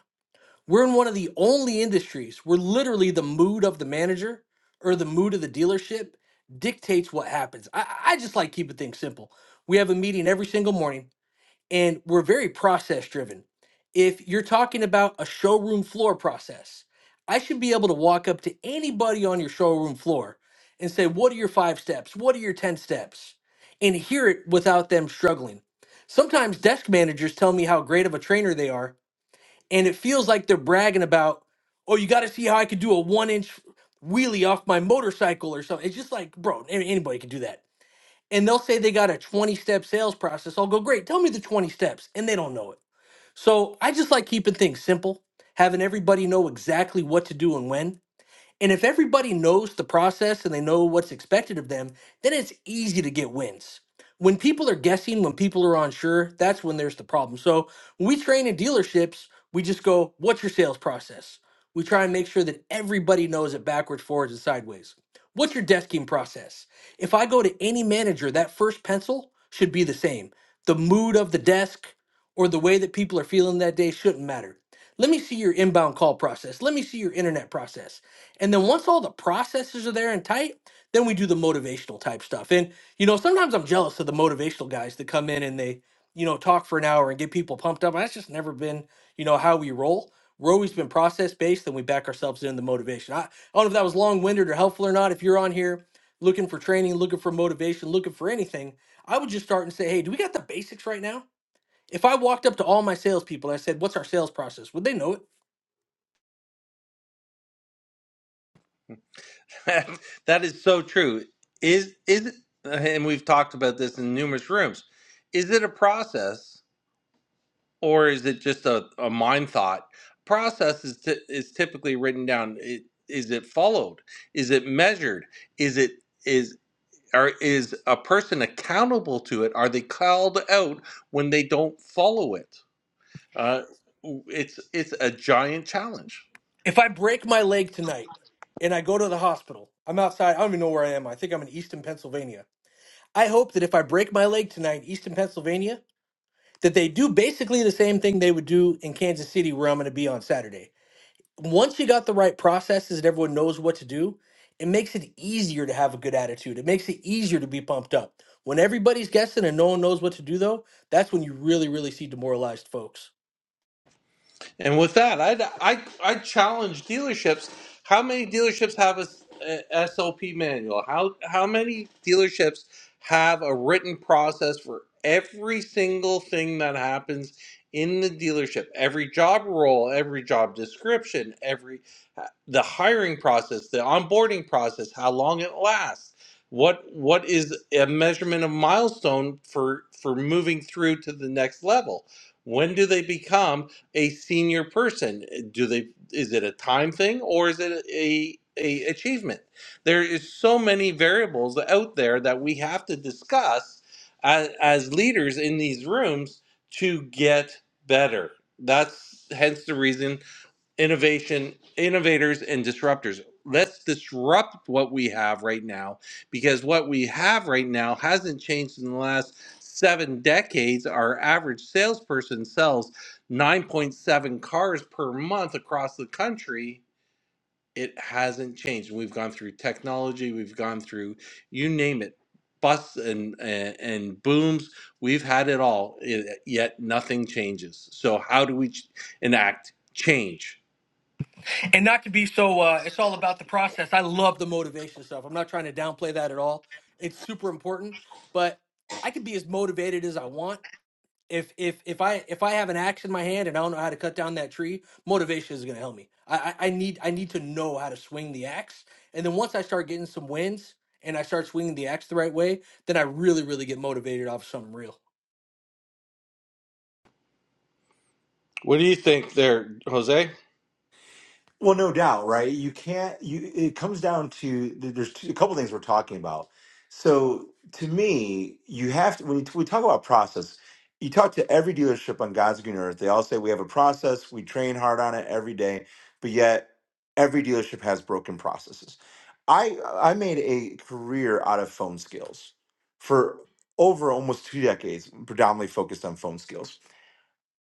Speaker 10: We're in one of the only industries where literally the mood of the manager or the mood of the dealership dictates what happens. I, I just like keeping things simple. We have a meeting every single morning and we're very process driven. If you're talking about a showroom floor process, I should be able to walk up to anybody on your showroom floor and say, What are your five steps? What are your 10 steps? And hear it without them struggling. Sometimes desk managers tell me how great of a trainer they are, and it feels like they're bragging about, Oh, you got to see how I could do a one inch wheelie off my motorcycle or something. It's just like, bro, an- anybody can do that and they'll say they got a 20 step sales process. I'll go, great, tell me the 20 steps. And they don't know it. So I just like keeping things simple, having everybody know exactly what to do and when. And if everybody knows the process and they know what's expected of them, then it's easy to get wins. When people are guessing, when people are unsure, that's when there's the problem. So when we train in dealerships, we just go, what's your sales process? We try and make sure that everybody knows it backwards, forwards, and sideways. What's your desking process? If I go to any manager, that first pencil should be the same. The mood of the desk or the way that people are feeling that day shouldn't matter. Let me see your inbound call process. Let me see your internet process and then once all the processes are there and tight, then we do the motivational type stuff. And you know, sometimes I'm jealous of the motivational guys that come in and they, you know, talk for an hour and get people pumped up. That's just never been, you know, how we roll. We're always been process based, then we back ourselves in the motivation. I, I don't know if that was long winded or helpful or not. If you're on here looking for training, looking for motivation, looking for anything, I would just start and say, hey, do we got the basics right now? If I walked up to all my salespeople and I said, what's our sales process? Would they know it?
Speaker 1: That, that is so true. Is is it, and we've talked about this in numerous rooms. Is it a process or is it just a, a mind thought? Process is t- is typically written down. It, is it followed? Is it measured? Is it is? Are is a person accountable to it? Are they called out when they don't follow it? Uh, it's it's a giant challenge.
Speaker 10: If I break my leg tonight and I go to the hospital, I'm outside. I don't even know where I am. I think I'm in Easton, Pennsylvania. I hope that if I break my leg tonight, in Easton, Pennsylvania, that they do basically the same thing they would do in Kansas City, where I'm going to be on Saturday. Once you got the right processes and everyone knows what to do, it makes it easier to have a good attitude. It makes it easier to be pumped up. When everybody's guessing and no one knows what to do, though, that's when you really, really see demoralized folks.
Speaker 1: And with that, I I I challenge dealerships. How many dealerships have a, a s- a SOP manual? How how many dealerships have a written process for every single thing that happens in the dealership? Every job role, every job description, every uh, the hiring process, the onboarding process, how long it lasts. What what is a measurement of milestone for for moving through to the next level? When do they become a senior person do they is it a time thing or is it a, a achievement there is so many variables out there that we have to discuss as, as leaders in these rooms to get better that's hence the reason innovation innovators and disruptors let's disrupt what we have right now because what we have right now hasn't changed in the last seven decades our average salesperson sells 9.7 cars per month across the country it hasn't changed we've gone through technology we've gone through you name it busts and, and and booms we've had it all i- yet nothing changes so how do we ch- enact change
Speaker 10: and not to be so uh, it's all about the process i love the motivation stuff i'm not trying to downplay that at all it's super important but i could be as motivated as i want if if if i if i have an axe in my hand and i don't know how to cut down that tree motivation is going to help me I, I i need i need to know how to swing the axe and then once i start getting some wins and i start swinging the axe the right way then i really really get motivated off something real
Speaker 1: What do you think there, Jose?
Speaker 2: Well, no doubt, right? You can't. You it comes down to th- there's two, a couple things we're talking about. So to me, you have to when you, we talk about process. You talk to every dealership on God's green earth. They all say we have a process. We train hard on it every day, but yet every dealership has broken processes. I I made a career out of phone skills for over almost two decades, predominantly focused on phone skills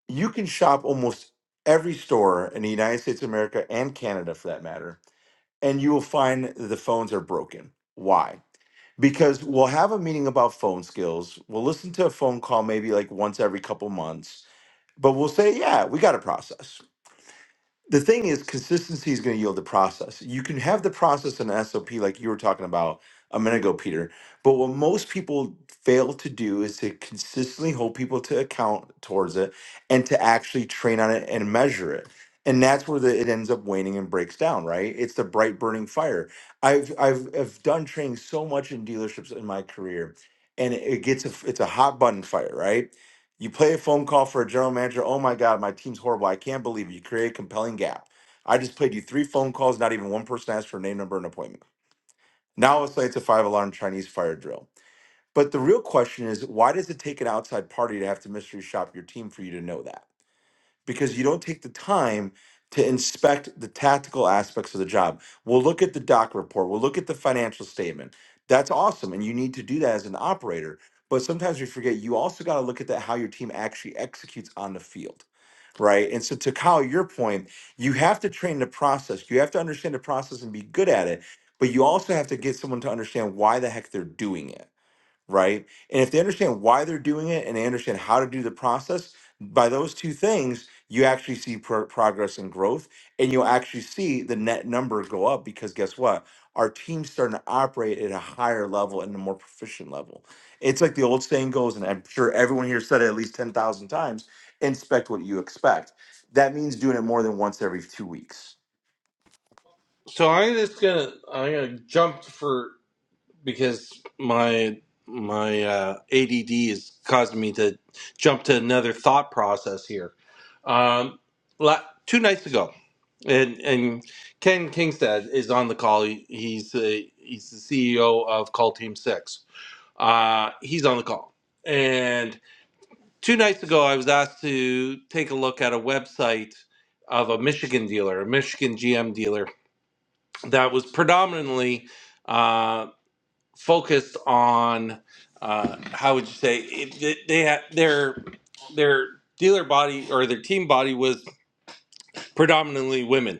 Speaker 2: you can shop almost every store in the United States of America and Canada for that matter, and you will find the phones are broken. Why? Because we'll have a meeting about phone skills. We'll listen to a phone call maybe like once every couple months, but we'll say, yeah, we got a process the thing is consistency is going to yield the process you can have the process in sop like you were talking about a minute ago peter but what most people fail to do is to consistently hold people to account towards it and to actually train on it and measure it and that's where the, it ends up waning and breaks down right it's the bright burning fire i've i've, I've done training so much in dealerships in my career and it gets a, f- it's a hot button fire right you play a phone call for a general manager. Oh my God, my team's horrible. I can't believe it. You create a compelling gap. I just played you three phone calls. Not even one person asked for a name, number, and appointment. Now all of a sudden it's a five alarm Chinese fire drill. But the real question is why does it take an outside party to have to mystery shop your team for you to know that? because you don't take the time to inspect the tactical aspects of the job. We'll look at the doc report, we'll look at the financial statement. That's awesome. And you need to do that as an operator. But sometimes we forget you also got to look at that how your team actually executes on the field. Right. And so to Kyle, your point, you have to train the process. You have to understand the process and be good at it. But you also have to get someone to understand why the heck they're doing it right? And if they understand why they're doing it and they understand how to do the process, by those two things, you actually see pro- progress and growth, and you'll actually see the net number go up because guess what? Our team's starting to operate at a higher level and a more proficient level. It's like the old saying goes, and I'm sure everyone here said it at least 10,000 times inspect what you expect. That means doing it more than once every two weeks.
Speaker 1: So I'm just gonna I'm gonna jump for because my my uh, ADD is causing me to jump to another thought process here. Um, la- two nights ago, and and Ken Kingstad is on the call. He, he's the he's the CEO of Call Team Six. Uh, he's on the call, and two nights ago, I was asked to take a look at a website of a Michigan dealer, a Michigan GM dealer, that was predominantly uh, focused on uh, how would you say it, they they had their their dealer body or their team body was predominantly women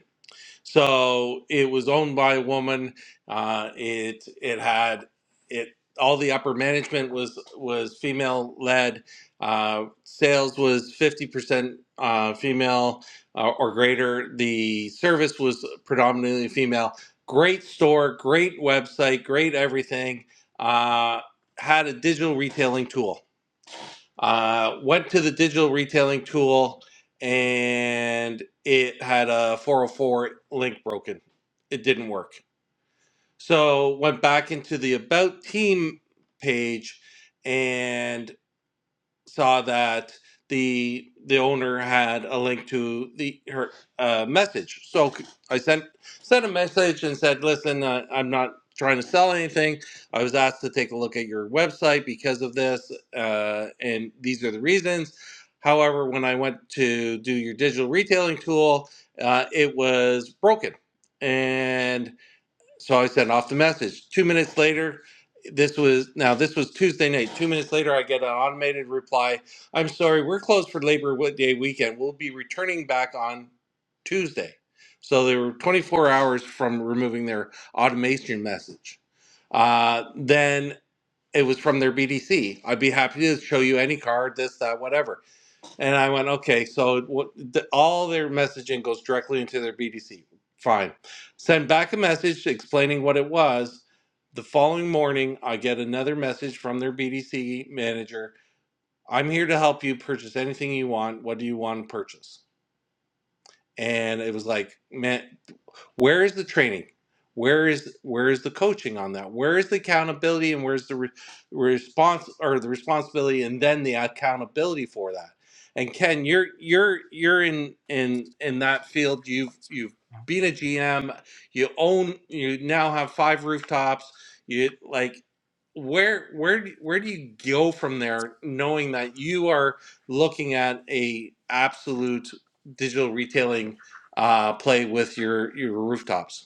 Speaker 1: so it was owned by a woman. Uh, it it had it all the upper management was was female led. Uh, sales was fifty percent uh, female uh, or greater. The service was predominantly female. Great store, great website, great everything. Uh, had a digital retailing tool uh, went to the digital retailing tool and it had a 404 link broken. It didn't work. So went back into the about team page and saw that the the owner had a link to the her uh, message. So c- I sent sent a message and said, "Listen, uh, I'm not trying to sell anything. I was asked to take a look at your website because of this, uh, and these are the reasons." However, when I went to do your digital retailing tool, uh, it was broken, and so I sent off the message. Two minutes later, this was now this was Tuesday night. Two minutes later, I get an automated reply. I'm sorry, we're closed for Labor Day weekend. We'll be returning back on Tuesday. So they were 24 hours from removing their automation message. Uh, then it was from their BDC. I'd be happy to show you any card, this, that, whatever. And I went, okay, so what, the, all their messaging goes directly into their BDC. Fine. Send back a message explaining what it was. The following morning, I get another message from their BDC manager. I'm here to help you purchase anything you want. What do you want to purchase? And it was like, man, where is the training? Where is where is the coaching on that? Where is the accountability and where's the re- response or the responsibility and then the accountability for that? And Ken, you're you're you're in in in that field. You've you've been a GM. You own. You now have five rooftops. You like where where do- where do you go from there, knowing that you are looking at a absolute digital retailing uh, play with your your rooftops.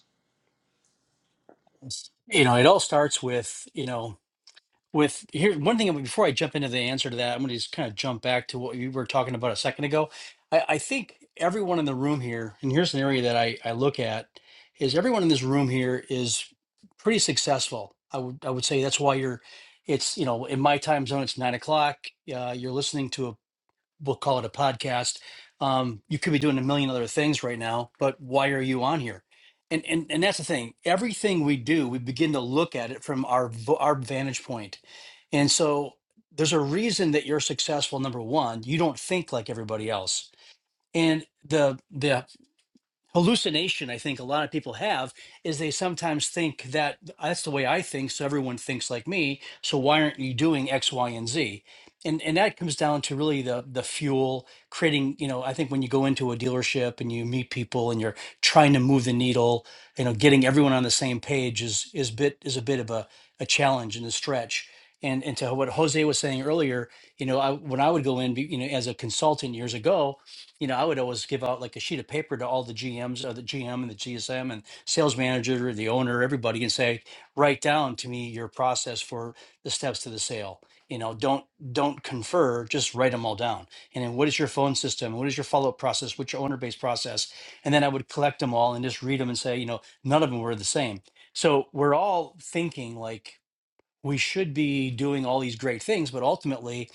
Speaker 11: you know it all starts with you know with here one thing before i jump into the answer to that i'm going to just kind of jump back to what you were talking about a second ago i, I think everyone in the room here and here's an area that I, I look at is everyone in this room here is pretty successful i would i would say that's why you're it's you know in my time zone it's nine o'clock uh, you're listening to a we'll call it a podcast. Um, you could be doing a million other things right now, but why are you on here? And and and that's the thing. Everything we do, we begin to look at it from our v- our vantage point. And so there's a reason that you're successful. Number one, you don't think like everybody else. And the the hallucination I think a lot of people have is they sometimes think that that's the way I think, so everyone thinks like me. So why aren't you doing X, Y, and Z? And and that comes down to really the the fuel creating. You know, I think when you go into a dealership and you meet people and you're trying to move the needle, you know, getting everyone on the same page is is bit is a bit of a a challenge and a stretch. And, and to what Jose was saying earlier, you know, I, when I would go in, be- you know, as a consultant years ago, you know, I would always give out like a sheet of paper to all the GMs or the GM and the GSM and sales manager, the owner, everybody, and say, write down to me your process for the steps to the sale. You know, don't don't confer, just write them all down. And then what is your phone system? What is your follow-up process? What's your owner-based process? And then I would collect them all and just read them and say, you know, none of them were the same. So we're all thinking like we should be doing all these great things, but ultimately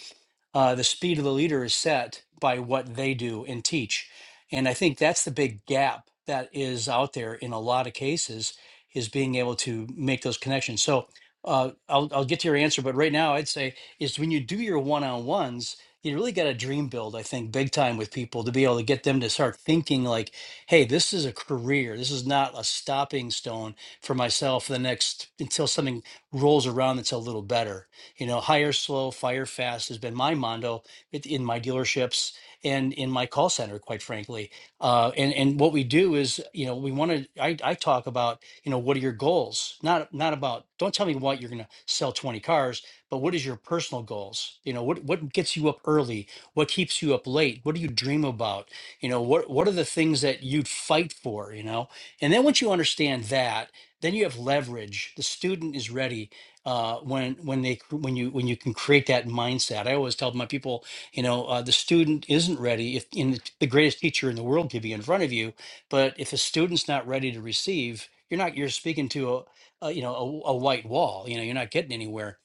Speaker 11: uh, the speed of the leader is set by what they do and teach and i think that's the big gap that is out there in a lot of cases is being able to make those connections so uh, I'll, I'll get to your answer but right now i'd say is when you do your one-on-ones you really got to dream build i think big time with people to be able to get them to start thinking like hey this is a career this is not a stopping stone for myself for the next until something rolls around that's a little better you know, hire slow, fire fast has been my motto it- in my dealerships and in my call center, quite frankly. Uh, and and what we do is, you know, we want to. I, I talk about, you know, what are your goals? Not not about. Don't tell me what you're going to sell 20 cars, but what is your personal goals? You know, what what gets you up early? What keeps you up late? What do you dream about? You know, what what are the things that you'd fight for? You know, and then once you understand that, then you have leverage. The student is ready uh, when when they cr- when you when you can create that mindset. I always tell my people, you know, uh, the student isn't ready if in the the greatest teacher in the world could be in front of you, but if a student's not ready to receive, you're not you're speaking to a, a you know a, a white wall. You know, you're not getting anywhere.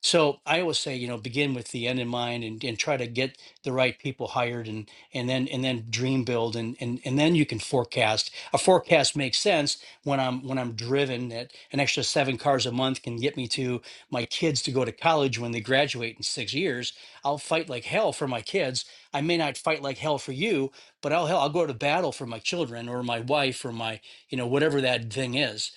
Speaker 11: So I always say, you know, begin with the end in mind and, and try to get the right people hired and and then and then dream build and and and then you can forecast. A forecast makes sense when I'm when I'm driven that an extra seven cars a month can get me to my kids to go to college when they graduate in six years. I'll fight like hell for my kids. I may not fight like hell for you, but I'll hell I'll go to battle for my children or my wife or my you know whatever that thing is.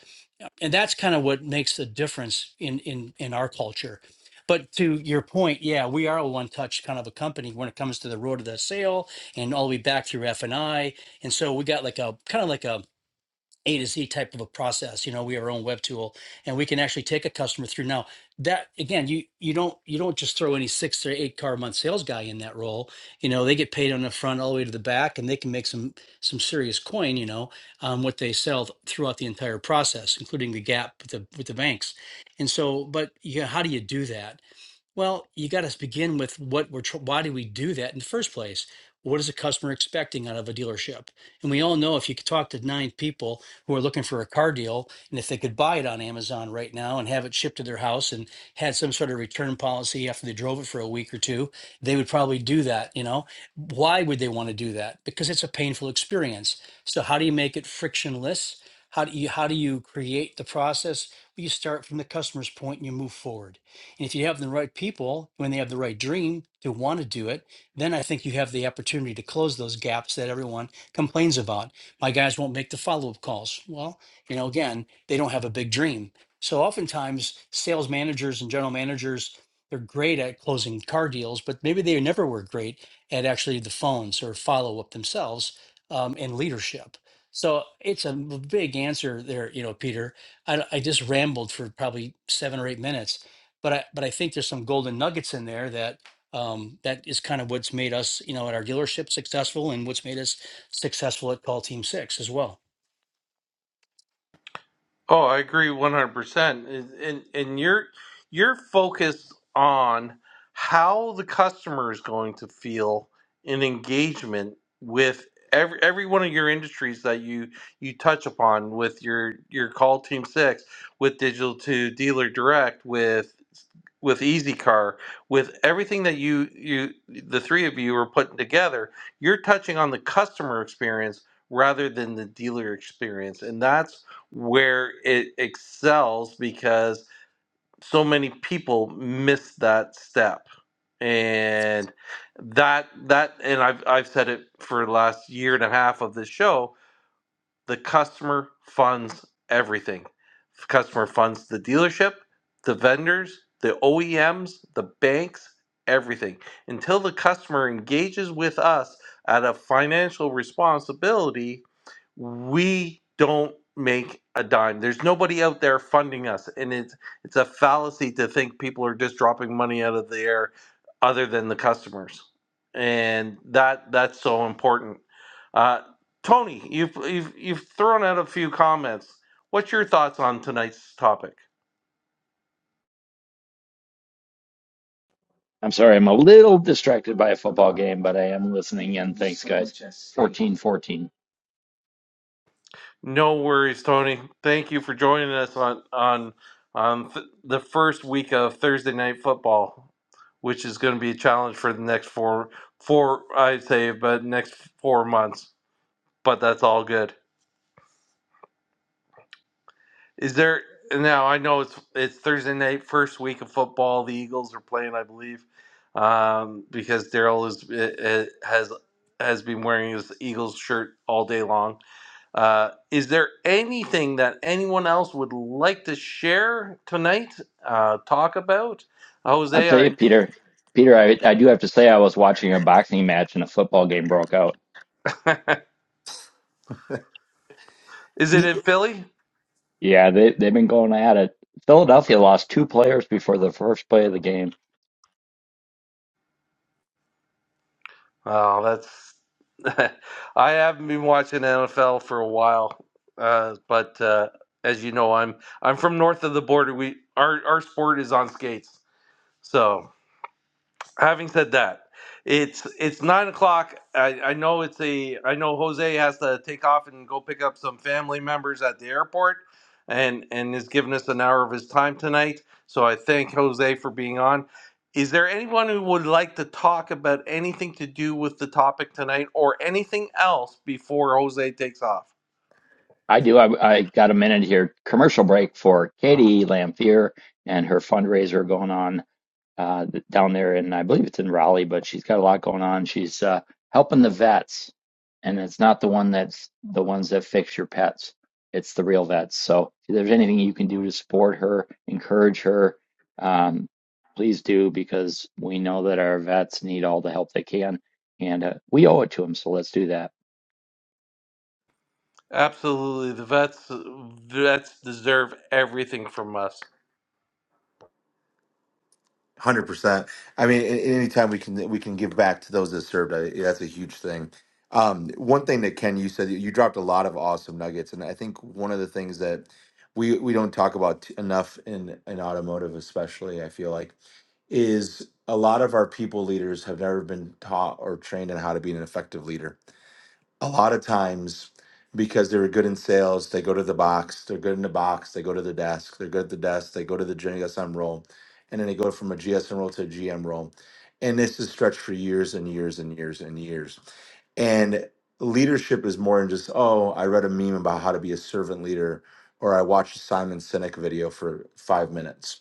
Speaker 11: And that's kind of what makes the difference in in in our culture. But to your point, yeah, we are a one-touch kind of a company when it comes to the road to the sale and all the way back through F and I. And so we got like a kind of like a a to Z type of a process. You know, we have our own web tool and we can actually take a customer through. Now that again, you you don't you don't just throw any six or eight car a month sales guy in that role. You know, they get paid on the front all the way to the back and they can make some some serious coin, you know, um, what they sell th- throughout the entire process, including the gap with the with the banks. And so, but yeah, how do you do that? Well, you got to begin with what we're, tr- why do we do that in the first place? What is a customer expecting out of a dealership? And we all know if you could talk to nine people who are looking for a car deal, and if they could buy it on Amazon right now and have it shipped to their house and had some sort of return policy after they drove it for a week or two, they would probably do that. You know, why would they want to do that? Because it's a painful experience. So how do you make it frictionless? How do you, how do you create the process? Well, You start from the customer's point and you move forward and if you have the right people, when they have the right dream to want to do it, then I think you have the opportunity to close those gaps that everyone complains about. My guys won't make the follow up calls. Well, you know, again, they don't have a big dream. So oftentimes, sales managers and general managers, they're great at closing car deals, but maybe they never were great at actually the phones or follow up themselves um, and leadership. So it's a big answer there, you know, Peter. I, I just rambled for probably seven or eight minutes but I but I think there's some golden nuggets in there that um, that is kind of what's made us, you know, at our dealership successful, and what's made us successful at Call Team Six as well.
Speaker 1: Oh, I agree 100%. And, and and you're you're focused on how the customer is going to feel in engagement with every every one of your industries that you you touch upon with your your call team 6 with digital to dealer direct with with easy car with everything that you you the three of you are putting together you're touching on the customer experience rather than the dealer experience and that's where it excels because so many people miss that step and that that and i've i've said it for the last year and a half of this show the customer funds everything. The customer funds the dealership, the vendors, the OEMs, the banks, everything. Until the customer engages with us at a financial responsibility, we don't make a dime. There's nobody out there funding us. And it's it's a fallacy to think people are just dropping money out of the air other than the customers. And that that's so important. Uh, Tony, you've, you've you've thrown out a few comments. What's your thoughts on tonight's topic?
Speaker 12: I'm sorry, I'm a little distracted by a football game, but I am listening in. Thanks, guys. 14 14.
Speaker 1: No worries, Tony. Thank you for joining us on on on th- the first week of Thursday night football, which is going to be a challenge for the next four four I'd say, but next four months. But that's all good. Is there now? I know it's it's Thursday night, first week of football. The Eagles are playing, I believe, um, because Daryl is eh, eh, has has been wearing his Eagles shirt all day long. Uh, is there anything that anyone else would like to share tonight? Uh, talk about
Speaker 12: I'll
Speaker 1: Jose?
Speaker 12: tell you, Peter, Peter, I, I do have to say, I was watching a boxing match and a football game broke out.
Speaker 1: I, is it in Philly?
Speaker 12: Yeah, they, they've been going at it. Philadelphia lost two players before the first play of the game.
Speaker 1: Oh, that's. I haven't been watching NFL for a while, uh, but uh, as you know, I'm I'm from north of the border. We our our sport is on skates, so having said that it's it's nine o'clock I, I know it's a i know jose has to take off and go pick up some family members at the airport and and is giving us an hour of his time tonight so i thank jose for being on is there anyone who would like to talk about anything to do with the topic tonight or anything else before jose takes off
Speaker 12: I do. I, I got a minute here. Commercial break for Katie Lamphere and her fundraiser going on. uh, down there, and I believe it's in Raleigh, but she's got a lot going on. She's uh, helping the vets, and it's not the one that's the ones that fix your pets. It's the real vets. So if there's anything you can do to support her, encourage her, um, please do because we know that our vets need all the help they can, and uh, we owe it to them. So let's do that.
Speaker 1: Absolutely, the vets vets deserve everything from us.
Speaker 2: Hundred percent. I mean, a- anytime we can we can give back to those that served, I, that's a huge thing. Um, one thing that Ken, you said you dropped a lot of awesome nuggets, and I think one of the things that we we don't talk about t- enough in in automotive, especially, I feel like, is a lot of our people leaders have never been taught or trained on how to be an effective leader a lot of times because they were good in sales, they go to the box, they're good in the box, they go to the desk, they're good at the desk, they go to the GSM role, and then they go from a GSM role to a GM role. And this is stretched for years and years and years and years. And leadership is more than just, oh, I read a meme about how to be a servant leader, or I watched a Simon Sinek video for five minutes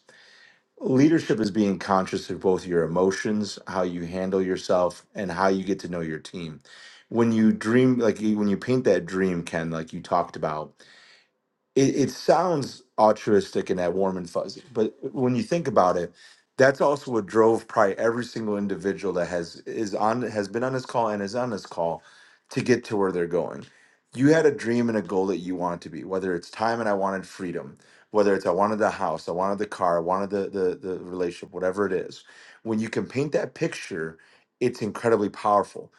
Speaker 2: Leadership is being conscious of both your emotions, how you handle yourself, and how you get to know your team. When you dream, like you- when you paint that dream, Ken, like you talked about, it, it sounds altruistic and that warm and fuzzy, but when you think about it, that's also what drove probably every single individual that has is on has been on this call and is on this call to get to where they're going. You had a dream and a goal that you wanted to be, whether it's time and I wanted freedom, whether it's I wanted the house, I wanted the car, I wanted the the, the relationship, whatever it is. When you can paint that picture, it's incredibly powerful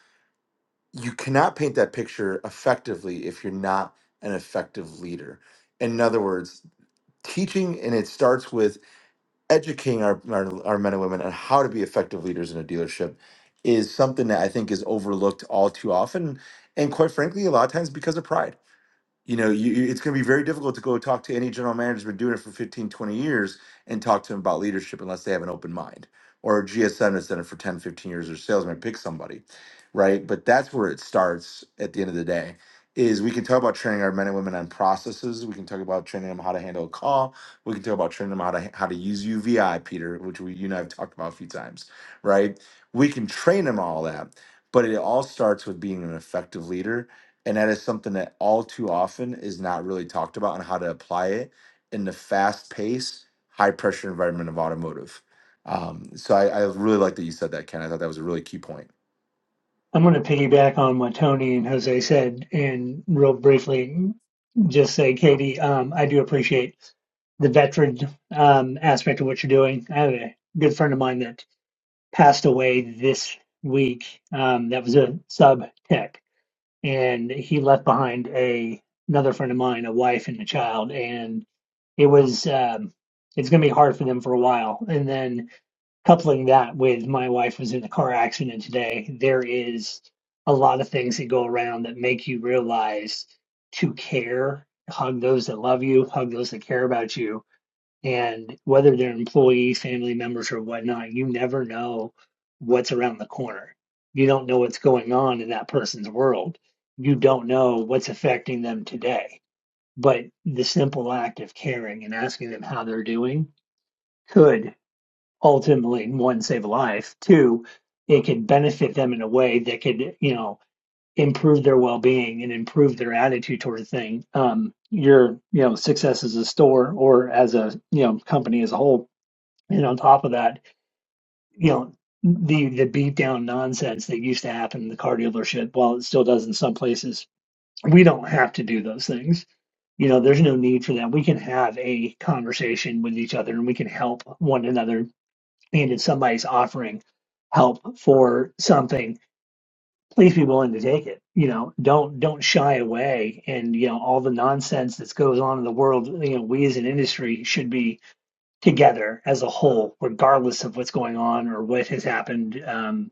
Speaker 2: you cannot paint that picture effectively if you're not an effective leader. In other words, teaching and it starts with educating our, our, our men and women on how to be effective leaders in a dealership is something that I think is overlooked all too often. And quite frankly, a lot of times because of pride you know you, you- it's going to be very difficult to go talk to any general manager who's been doing it for 15, 20 years and talk to them about leadership unless they have an open mind or a gsm that's done it for 10, 15 years or salesman pick somebody right but that's where it starts at the end of the day is we can talk about training our men and women on processes we can talk about training them how to handle a call we can talk about training them how to how to use uvi peter which we you and i have talked about a few times right we can train them all that but it all starts with being an effective leader and that is something that all too often is not really talked about on how to apply it in the fast pace, high pressure environment of automotive. Um, so I, I really like that you said that, Ken. I thought that was a really key point.
Speaker 8: I'm going to piggyback on what Tony and Jose said and real briefly just say, Katie, um, I do appreciate the veteran um, aspect of what you're doing. I have a good friend of mine that passed away this week. Um, that was a sub tech, and he left behind a another friend of mine, a wife and a child, and it was um, it's going to be hard for them for a while. And then coupling that with my wife was in a car accident today. There is a lot of things that go around that make you realize to care, hug those that love you, hug those that care about you and whether they're employee, family members, or whatnot, you never know what's around the corner. You don't know what's going on in that person's world. You don't know what's affecting them today. But the simple act of caring and asking them how they're doing could ultimately, one, save a life. Two, it could benefit them in a way that could, you know, improve their well-being and improve their attitude toward a thing. Um, your, you know, success as a store or as a, you know, company as a whole and on top of that, you know, the the beat down nonsense that used to happen in the car dealership, while it still does in some places, we don't have to do those things. You know, there's no need for that. We can have a conversation with each other and we can help one another. And if somebody's offering help for something, please be willing to take it. You know, don't don't shy away. And you know, all the nonsense that goes on in the world, you know, we as an industry should be together as a whole, regardless of what's going on or what has happened um,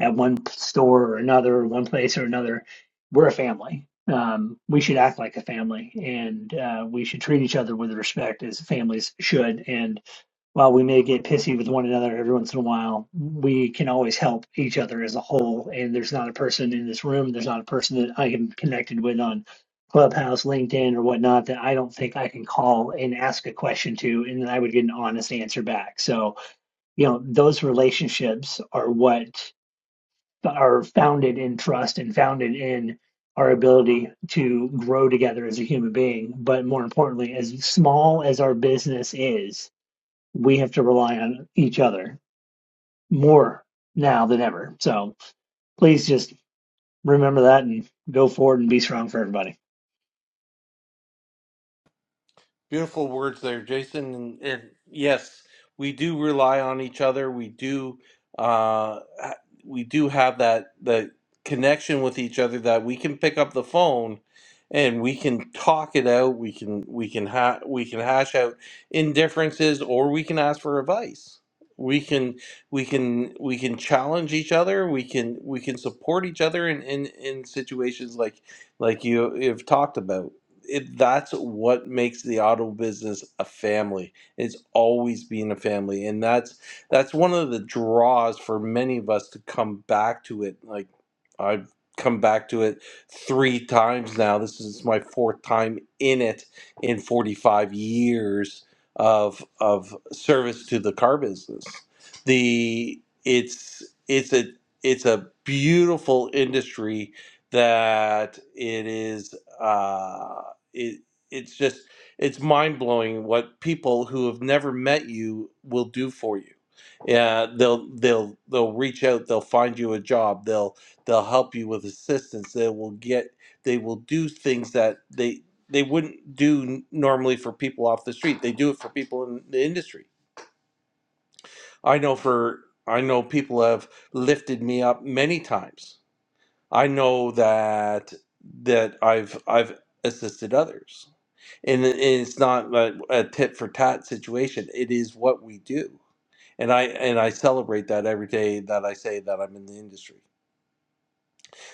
Speaker 8: at one store or another, one place or another. We're a family. Um, we should act like a family, and uh, we should treat each other with respect as families should. And while we may get pissy with one another every once in a while, we can always help each other as a whole. And there's not a person in this room, there's not a person that I am connected with on Clubhouse, LinkedIn, or whatnot that I don't think I can call and ask a question to, and then I would get an honest answer back. So, you know, those relationships are what are founded in trust and founded in our ability to grow together as a human being. But more importantly, as small as our business is, we have to rely on each other more now than ever. So please just remember that and go forward and be strong for everybody.
Speaker 1: Beautiful words there, Jason. And, and yes, we do rely on each other. We do, uh, ha- we do have that that connection with each other that we can pick up the phone and we can talk it out. We can we can ha- we can hash out indifferences, or we can ask for advice. We can we can we can challenge each other. We can we can support each other in in, in situations like like you have talked about it, that's what makes the auto business a family. It's always been a family, and that's that's one of the draws for many of us to come back to it. Like I've come back to it three times now. This is my fourth time in it in 45 years of of service to the car business. The it's it's a it's a beautiful industry that it is. Uh, it it's just it's mind blowing what people who have never met you will do for you. Yeah, they'll they'll they'll reach out, they'll find you a job, they'll they'll help you with assistance, they will get they will do things that they they wouldn't do n- normally for people off the street. They do it for people in the industry. I know for I know people have lifted me up many times. I know that that I've I've assisted others and it- it's not a, a tit for tat situation. It is what we do, and I and I celebrate that every day that I say that I'm in the industry.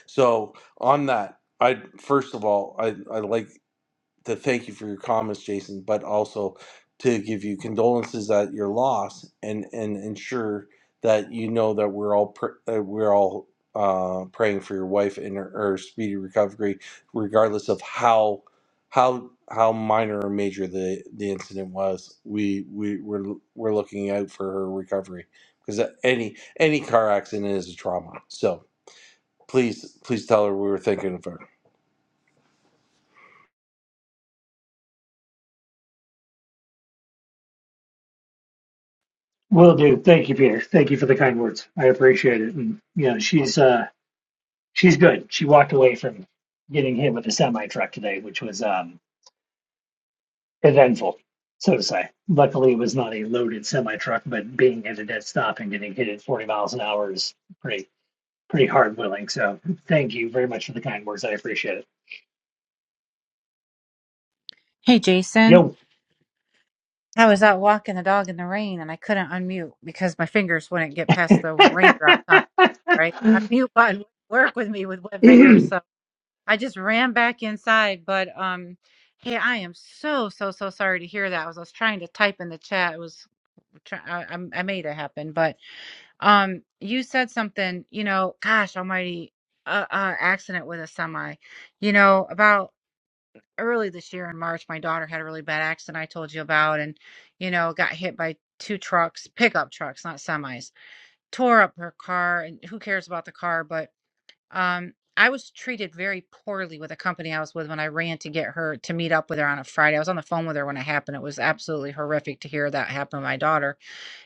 Speaker 1: So on that, I first of all, I I like to thank you for your comments, Jason, but also to give you condolences at your loss and and ensure that you know that we're all pr- uh, we're all uh, praying for your wife and her, her speedy recovery, regardless of how how how minor or major the the incident was. We we we're we're looking out for her recovery because any any car accident is a trauma. So please please tell her we were thinking of her.
Speaker 8: Will do. Thank you, Peter. Thank you for the kind words. I appreciate it. And you know, she's uh she's good. She walked away from getting hit with a semi truck today, which was um eventful, so to say. Luckily it was not a loaded semi truck, but being at a dead stop and getting hit at forty miles an hour is pretty pretty hard willing. So thank you very much for the kind words. I appreciate it.
Speaker 13: Hey Jason,
Speaker 8: Yo.
Speaker 13: I was out walking the dog in the rain and I couldn't unmute because my fingers wouldn't get past the raindrops on right. My mute button would not work with me with wet fingers, so I just ran back inside. But um, hey, I am so so so sorry to hear that. I was, I was trying to type in the chat. It was try- I, I I made it happen, but um, you said something. You know, gosh, almighty, uh, uh accident with a semi. You know about early this year in March, my daughter had a really bad accident I told you about, and you know, got hit by two trucks, pickup trucks, not semis, tore up her car. And who cares about the car? But um, I was treated very poorly with a company I was with when I ran to get her to meet up with her on a Friday. I was on the phone with her when it happened. It was absolutely horrific to hear that happen to my daughter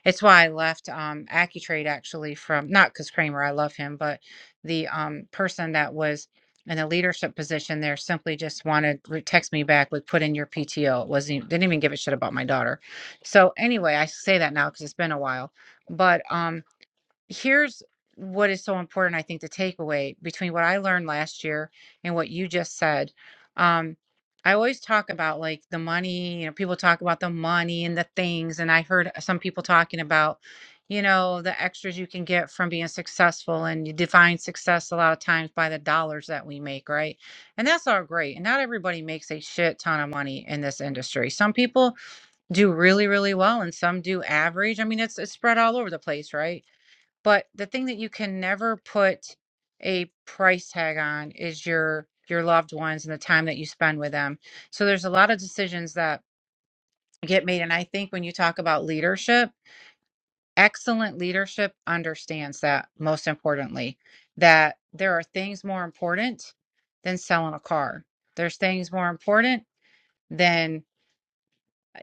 Speaker 13: it's why I left um, AccuTrade actually from not because Kramer, I love him, but the um, person that was in a leadership position there simply just wanted re- text me back with put in your PTO. It wasn't e, didn't even give a shit about my daughter. So anyway, I say that now because it's been a while, but um, here's what is so important, I think, the takeaway between what I learned last year and what you just said. Um, I always talk about like the money, you know, people talk about the money and the things. And I heard some people talking about, you know, the extras you can get from being successful. And you define success a lot of times by the dollars that we make, right? And that's all great. And not everybody makes a shit ton of money in this industry. Some people do really, really well and some do average. I mean, it's it's spread all over the place, right? But the thing that you can never put a price tag on is your your loved ones and the time that you spend with them. So there's a lot of decisions that get made and I think when you talk about leadership, excellent leadership understands that most importantly that there are things more important than selling a car. There's things more important than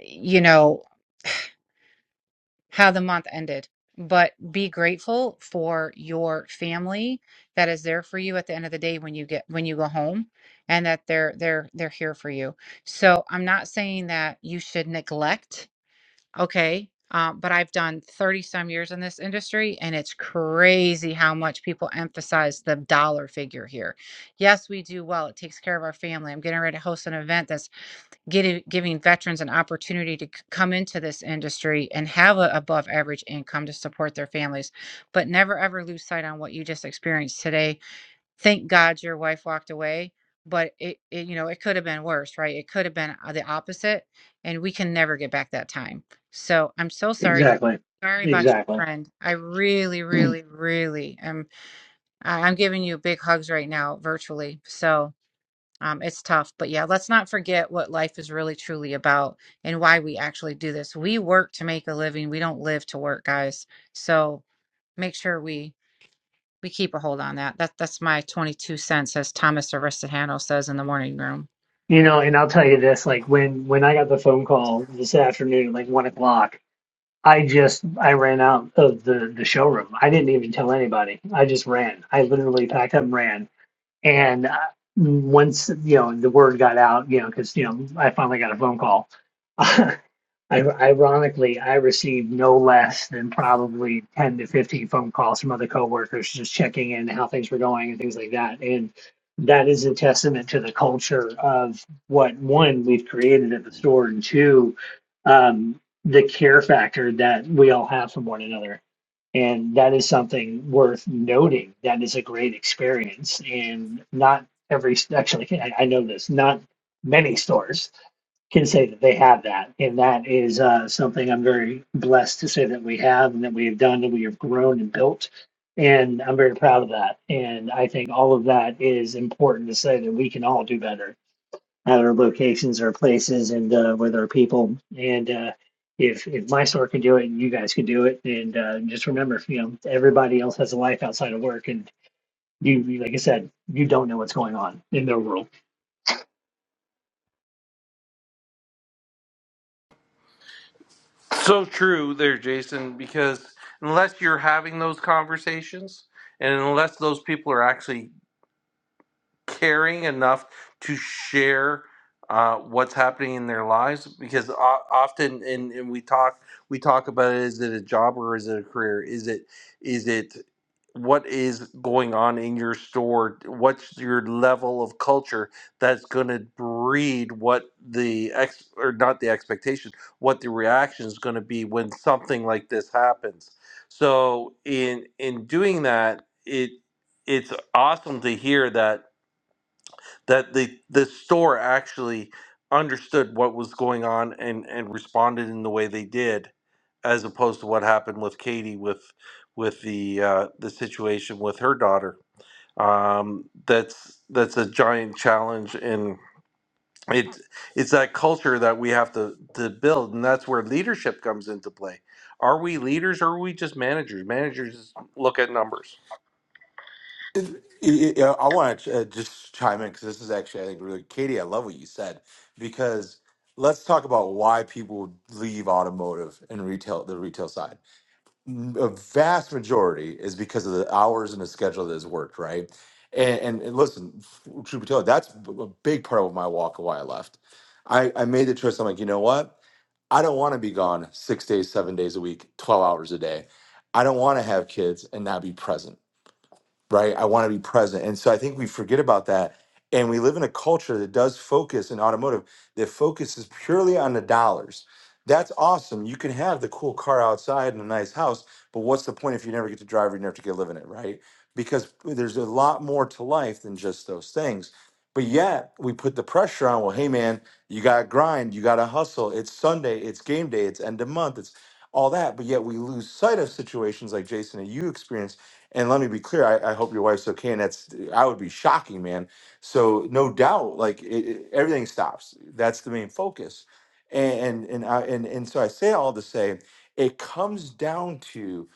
Speaker 13: you know how the month ended. But be grateful for your family that is there for you at the end of the day when you get when you go home and that they're they're they're here for you. So I'm not saying that you should neglect, okay? Um, but I've done 30 some years in this industry and it's crazy how much people emphasize the dollar figure here. Yes, we do well. It takes care of our family. I'm getting ready to host an event that's getting giving veterans an opportunity to come into this industry and have a above average income to support their families but never ever lose sight on what you just experienced today thank god your wife walked away but it, it you know it could have been worse right it could have been uh, the opposite and we can never get back that time so i'm so sorry
Speaker 8: exactly.
Speaker 13: sorry about your
Speaker 8: Exactly.
Speaker 13: friend i really really really am I- i'm giving you big hugs right now virtually so um, it's tough, but yeah, let's not forget what life is really truly about and why we actually do this. We work to make a living. We don't live to work, guys. So make sure we we keep a hold on that. That that's my 22 cents, as Thomas Aristotano says in the morning room.
Speaker 8: You know, and I'll tell you this, like when when I got the phone call this afternoon at like one o'clock, I just I ran out of the the showroom. I didn't even tell anybody. I just ran. I literally packed up and ran. And uh, once you know the word got out, you know, because you know I finally got a phone call. I, ironically, I received no less than probably ten to fifteen phone calls from other coworkers just checking in how things were going and things like that. And that is a testament to the culture of what one we've created at the store, and two, um, the care factor that we all have for one another and that is something worth noting. That is a great experience. And not every, actually, I, I know this, not many stores can say that they have that. And that is uh, something I'm very blessed to say that we have and that we have done and we have grown and built. And I'm very proud of that. And I think all of that is important to say that we can all do better at our locations, our places, and uh, with our people. And uh, if if my store can do it, and you guys can do it, and uh, just remember, you know, everybody else has a life outside of work, and you, you- like I said, you don't know what's going on in their world.
Speaker 1: So true there, Jason, because unless you're having those conversations and unless those people are actually caring enough to share uh, what's happening in their lives because o- often and, and we talk we talk about it, is it a job or is it a career is it is it what is going on in your store what's your level of culture that's going to breed what the ex or not the expectation what the reaction is going to be when something like this happens so in in doing that it it's awesome to hear that that the the store actually understood what was going on and and responded in the way they did as opposed to what happened with Katie with with the uh, the situation with her daughter um, that's that's a giant challenge and it it's that culture that we have to to build and that's where leadership comes into play are we leaders or are we just managers managers look at numbers
Speaker 2: It- it- it- I want to uh, just chime in because this is actually, I think, really, Katie, I love what you said because let's talk about why people leave automotive and retail, the retail side. m- a vast majority is because of the hours and the schedule that has worked, right? And, and, and listen, f- truth be told, that's b- a big part of my walk of why I left. I, I made the choice. I'm like, you know what? I don't want to be gone six days, seven days a week, 12 hours a day. I don't want to have kids and not be present right? I want to be present. And so I think we forget about that. And we live in a culture that does focus in automotive that focuses purely on the dollars. That's awesome. You can have the cool car outside and a nice house, but what's the point if you never get to drive or you never get to live in it, right? Because there's a lot more to life than just those things. But yet we put the pressure on, well, hey man, you gotta grind, you gotta hustle. It's Sunday, it's game day, it's end of month, it's all that. But yet we lose sight of situations like Jason and you experienced and let me be clear. I, I hope your wife's okay. And that's I would be shocking, man. So no doubt, like it, it- everything stops. That's the main focus. And and and, I, and and so I say all to say, it comes down to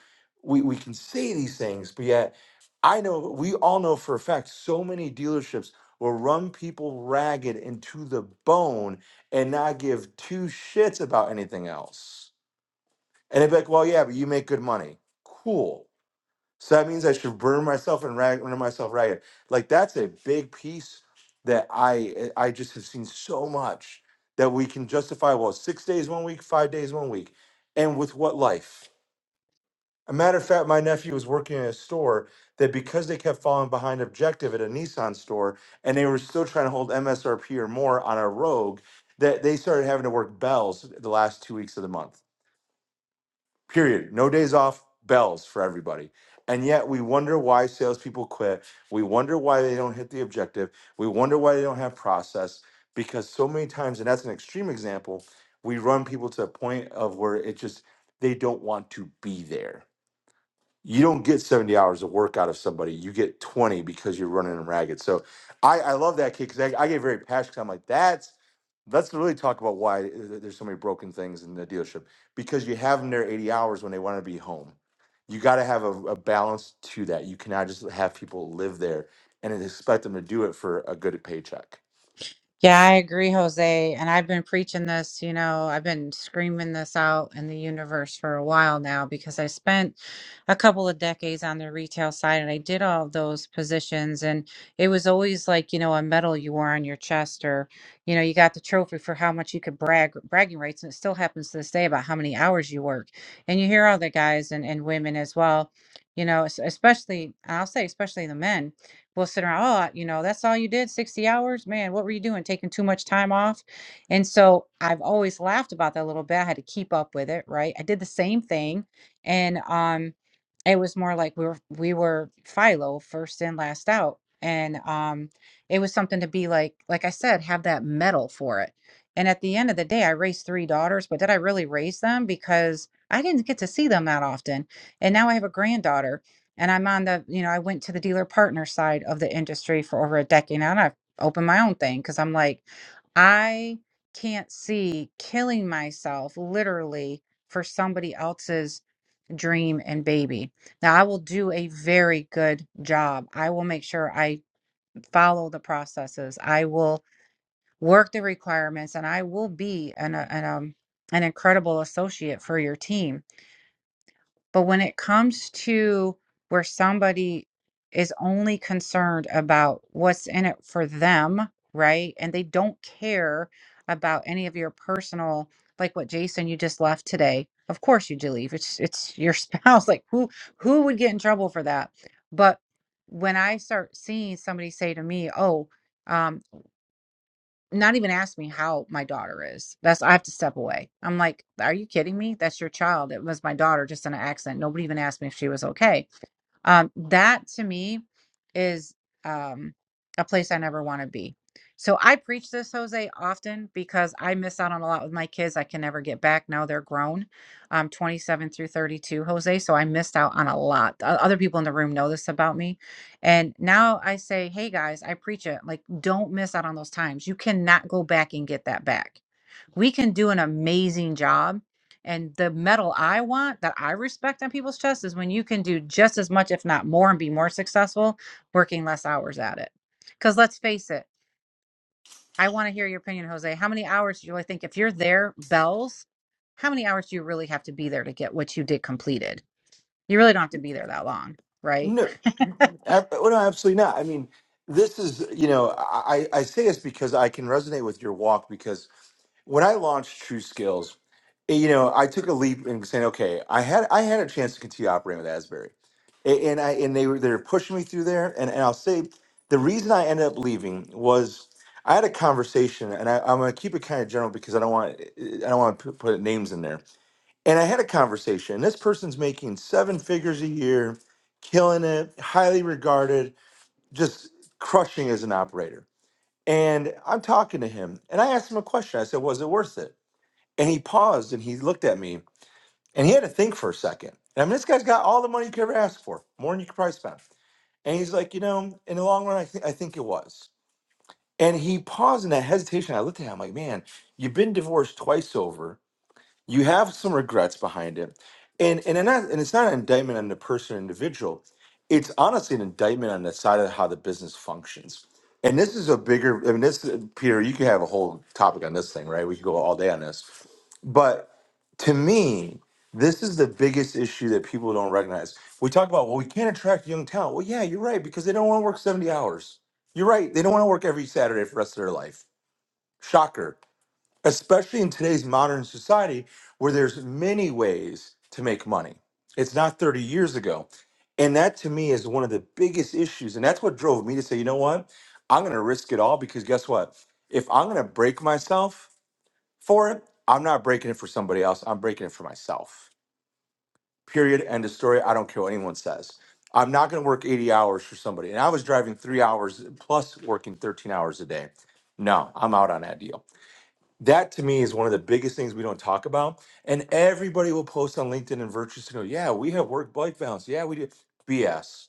Speaker 2: we we can say these things, but yet I know we all know for a fact so many dealerships will run people ragged and to the bone and not give two shits about anything else. And they'd be like, well, yeah, but you make good money. Cool so that means I should burn myself and rag, run myself ragged. Like that's a big piece that I eh, I just have seen so much that we can justify. Well, six days one week, five days one week, and with what life? A matter of fact, my nephew was working in a store that because they kept falling behind objective at a Nissan store, and they were still trying to hold MSRP or more on a Rogue, that they started having to work bells the last two weeks of the month period. No days off, bells for everybody. And yet we wonder why salespeople quit. We wonder why they don't hit the objective. We wonder why they don't have process because so many times, and that's an extreme example, we run people to a point of where it just, they don't want to be there you don't get 70 hours of work out of somebody. You get 20 because you're running them ragged. So I, I love that kid because I, I get very passionate. 'cause I'm like, that's let's really talk about why th- th- there's so many broken things in the dealership because you have them there 80 hours when they want to be home. You got to have a, a balance to that. You cannot just have people live there and then expect them to do it for a good paycheck.
Speaker 13: Yeah, I agree, Jose. And I've been preaching this, you know, I've been screaming this out in the universe for a while now because I spent a couple of decades on the retail side and I did all of those positions. And it was always like, you know, a medal you wore on your chest or, you know, you got the trophy for how much you could brag, bragging rights. And it still happens to this day about how many hours you work. And you hear all the guys and, and women as well, you know, es- especially, I'll say, especially the men will sit around, oh, you know, that's all you did, 60 hours? Man, what were you doing? Taking too much time off? And so I've always laughed about that a little bit. I had to keep up with it, right? I did the same thing. And um, it was more like we were we were Philo, first in, last out. And um, it was something to be like, like I said, have that medal for it. And at the end of the day, I raised three daughters, but did I really raise them? Because I didn't get to see them that often. And now I have a granddaughter and I'm on the, you know, I went to the dealer partner side of the industry for over a decade now, and I've opened my own thing because I'm like, I can't see killing myself literally for somebody else's dream and baby. Now, I will do a very good job. I will make sure I follow the processes. I will work the requirements, and I will be an, a- an, um, an incredible associate for your team but when it comes to where somebody is only concerned about what's in it for them, right? And they don't care about any of your personal, like what Jason you just left today. Of course you do leave. It's it's your spouse. Like who who would get in trouble for that? But when I start seeing somebody say to me, "Oh," um, not even ask me how my daughter is. That's I have to step away. I'm like, are you kidding me? That's your child. It was my daughter, just in an accident. Nobody even asked me if she was okay. Um, that to me is um, a place I never want to be. So I preach this, Jose, often because I miss out on a lot with my kids. I can never get back. Now they're grown, um, 27 through 32, Jose. So I missed out on a lot. O- Other people in the room know this about me. And now I say, hey guys, I preach it. Like, don't miss out on those times. You cannot go back and get that back we can do an amazing job. And the medal I want that I respect on people's chests is when you can do just as much, if not more, and be more successful working less hours at it. Because let's face it, I want to hear your opinion, Jose. How many hours do you really think, if you're there, bells, how many hours do you really have to be there to get what you did completed? You really don't have to be there that long, right?
Speaker 2: No, Ab- well, no, absolutely not. I mean, this is you know, I I I say this because I can resonate with your walk when I launched True Skills, eh, you know, I took a leap in saying, okay, I had I had a chance to continue operating with Asbury, A- and I and they were they were pushing me through there, and and I'll say the reason I ended up leaving was I had a conversation, and I, I'm gonna keep it kind of general because I don't want eh, eh, I don't want to put, put names in there, and I had a conversation. and This person's making seven figures a year, killing it, highly regarded, just crushing as an operator. And I'm talking to him, and I asked him a question. I said, "Was it worth it?" And he paused and he looked at me and he had to think for a second. And I mean, this guy's got all the money you could ever ask for, more than you could probably spend. And he's like, you know, in the long run, I, think I think it was. And he paused in that hesitation. I looked at him like, man, you've been divorced twice over. You have some regrets behind it. And and, I'm not, and it's not an indictment on the person or individual. It's honestly an indictment on the side of how the business functions. And this is a bigger, I mean, this, Peter, you could have a whole topic on this thing, right? We could go all day on this but to me, this is the biggest issue that people don't recognize. We talk about, well, we can't attract young talent. Well, yeah, you're right, because they don't want to work 70 hours. You're right. They don't want to work every Saturday for the rest of their life. Shocker. Especially in today's modern society where there's many ways to make money. It's not 30 years ago. And that to me is one of the biggest issues. And that's what drove me to say, you know what? I'm going to risk it all because guess what? If I'm going to break myself, for it. I'm not breaking it for somebody else. I'm breaking it for myself. Period. End of story. I don't care what anyone says. I'm not going to work 80 hours for somebody. And I was driving three hours plus working 13 hours a day. No, I'm out on that deal. That to me is one of the biggest things we don't talk about. And everybody will post on LinkedIn and Virtue Signal, yeah, we have work life balance. Yeah, we do. BS.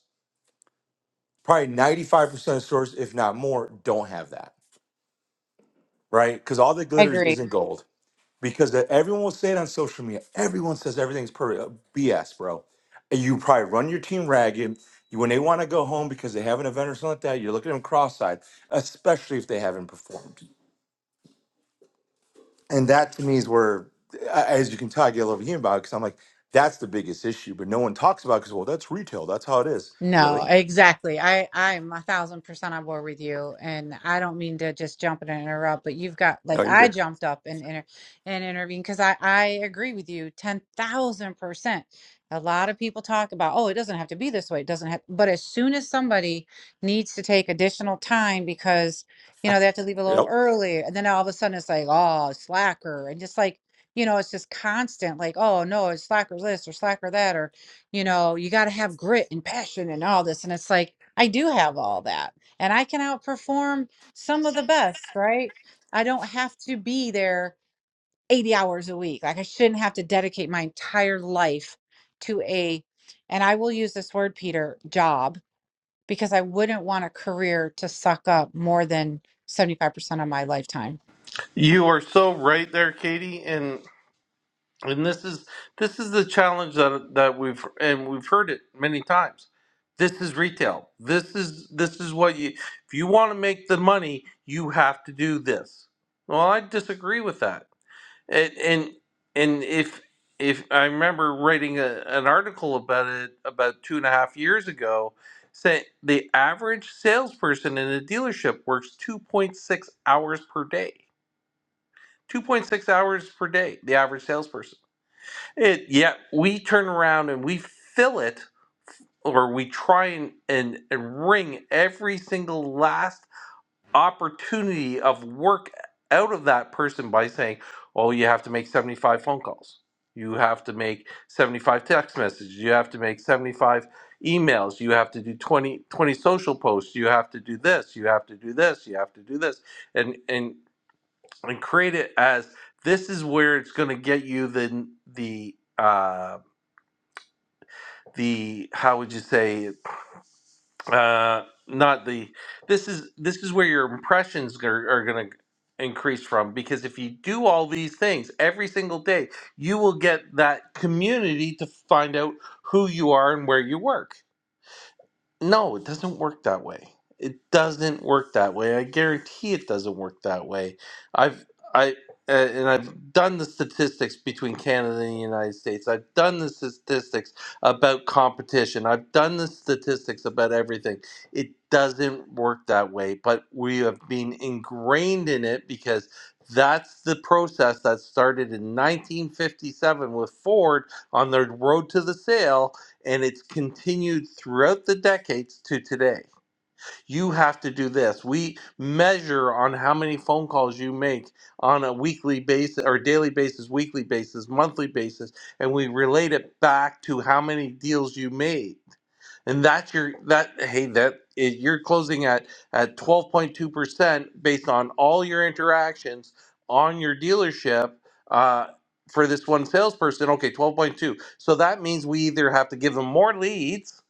Speaker 2: Probably 95% of stores, if not more, don't have that, right? Because all that
Speaker 13: I
Speaker 2: glitters
Speaker 13: agree.
Speaker 2: isn't gold. because that everyone will say it on social media. Everyone says everything's perfect. BS, bro. And You probably run your team ragged. You- When they want to go home because they have an event or something like that, you look at them cross-eyed, especially if they haven't performed. And that to me is where, a- as you can tell, I get a little human about it because I'm like, that's the biggest issue. But no one talks about because well, that's retail. That's how it is.
Speaker 13: No,
Speaker 2: Really?
Speaker 13: exactly. I I'm a thousand percent on board with you, and I don't mean to just jump in and interrupt, but you've got like
Speaker 2: No, you're
Speaker 13: I
Speaker 2: good.
Speaker 13: jumped up and inter and intervened because I I agree with you ten thousand percent. A lot of people talk about oh it doesn't have to be this way, it doesn't have, but as soon as somebody needs to take additional time because you know they have to leave a little
Speaker 2: Yep.
Speaker 13: early, and then all of a sudden it's like oh slacker, and just like you know it's just constant like oh no it's slacker this or slacker that or you know, you got to have grit and passion and all this. And it's like, I do have all that. And I can outperform some of the best, right? I don't have to be there 80 hours a week. Like, I shouldn't have to dedicate my entire life to a, and I will use this word, Peter, job, because I wouldn't want a career to suck up more than 75% of my lifetime.
Speaker 1: you are so right there katie and. and this is this is the challenge that that we've and we've heard it many times this is retail this is this is what you if you want to make the money you have to do this well i disagree with that and and, and if if i remember writing a, an article about it about two and a half years ago saying the average salesperson in a dealership works 2.6 hours per day 2.6 hours per day the average salesperson it yeah, we turn around and we fill it or we try and, and, and wring every single last opportunity of work out of that person by saying, Oh, you have to make 75 phone calls. You have to make 75 text messages. You have to make 75 emails. You have to do 20 20 social posts. You have to do this. You have to do this. You have to do this. And and and create it as this is where it's gonna get you the the um the how would you say uh not the this is this is where your impressions are, are going to increase from because if you do all these things every single day you will get that community to find out who you are and where you work no, it doesn't work that way. It doesn't work that way. I guarantee it doesn't work that way. I've I uh, and I've done the statistics between Canada and the United States. I've done the statistics about competition. I've done the statistics about everything. It doesn't work that way, but we have been ingrained in it because that's the process that started in 1957 with Ford on their road to the sale and it's continued throughout the decades to today. You have to do this. We measure on how many phone calls you make on a weekly basis or daily basis, weekly basis, monthly basis, and we relate it back to how many deals you made and that's your that hey that is, you're closing at at 12.2% based on all your interactions on your dealership uh, for this one salesperson okay 12.2 so that means we either have to give them more leads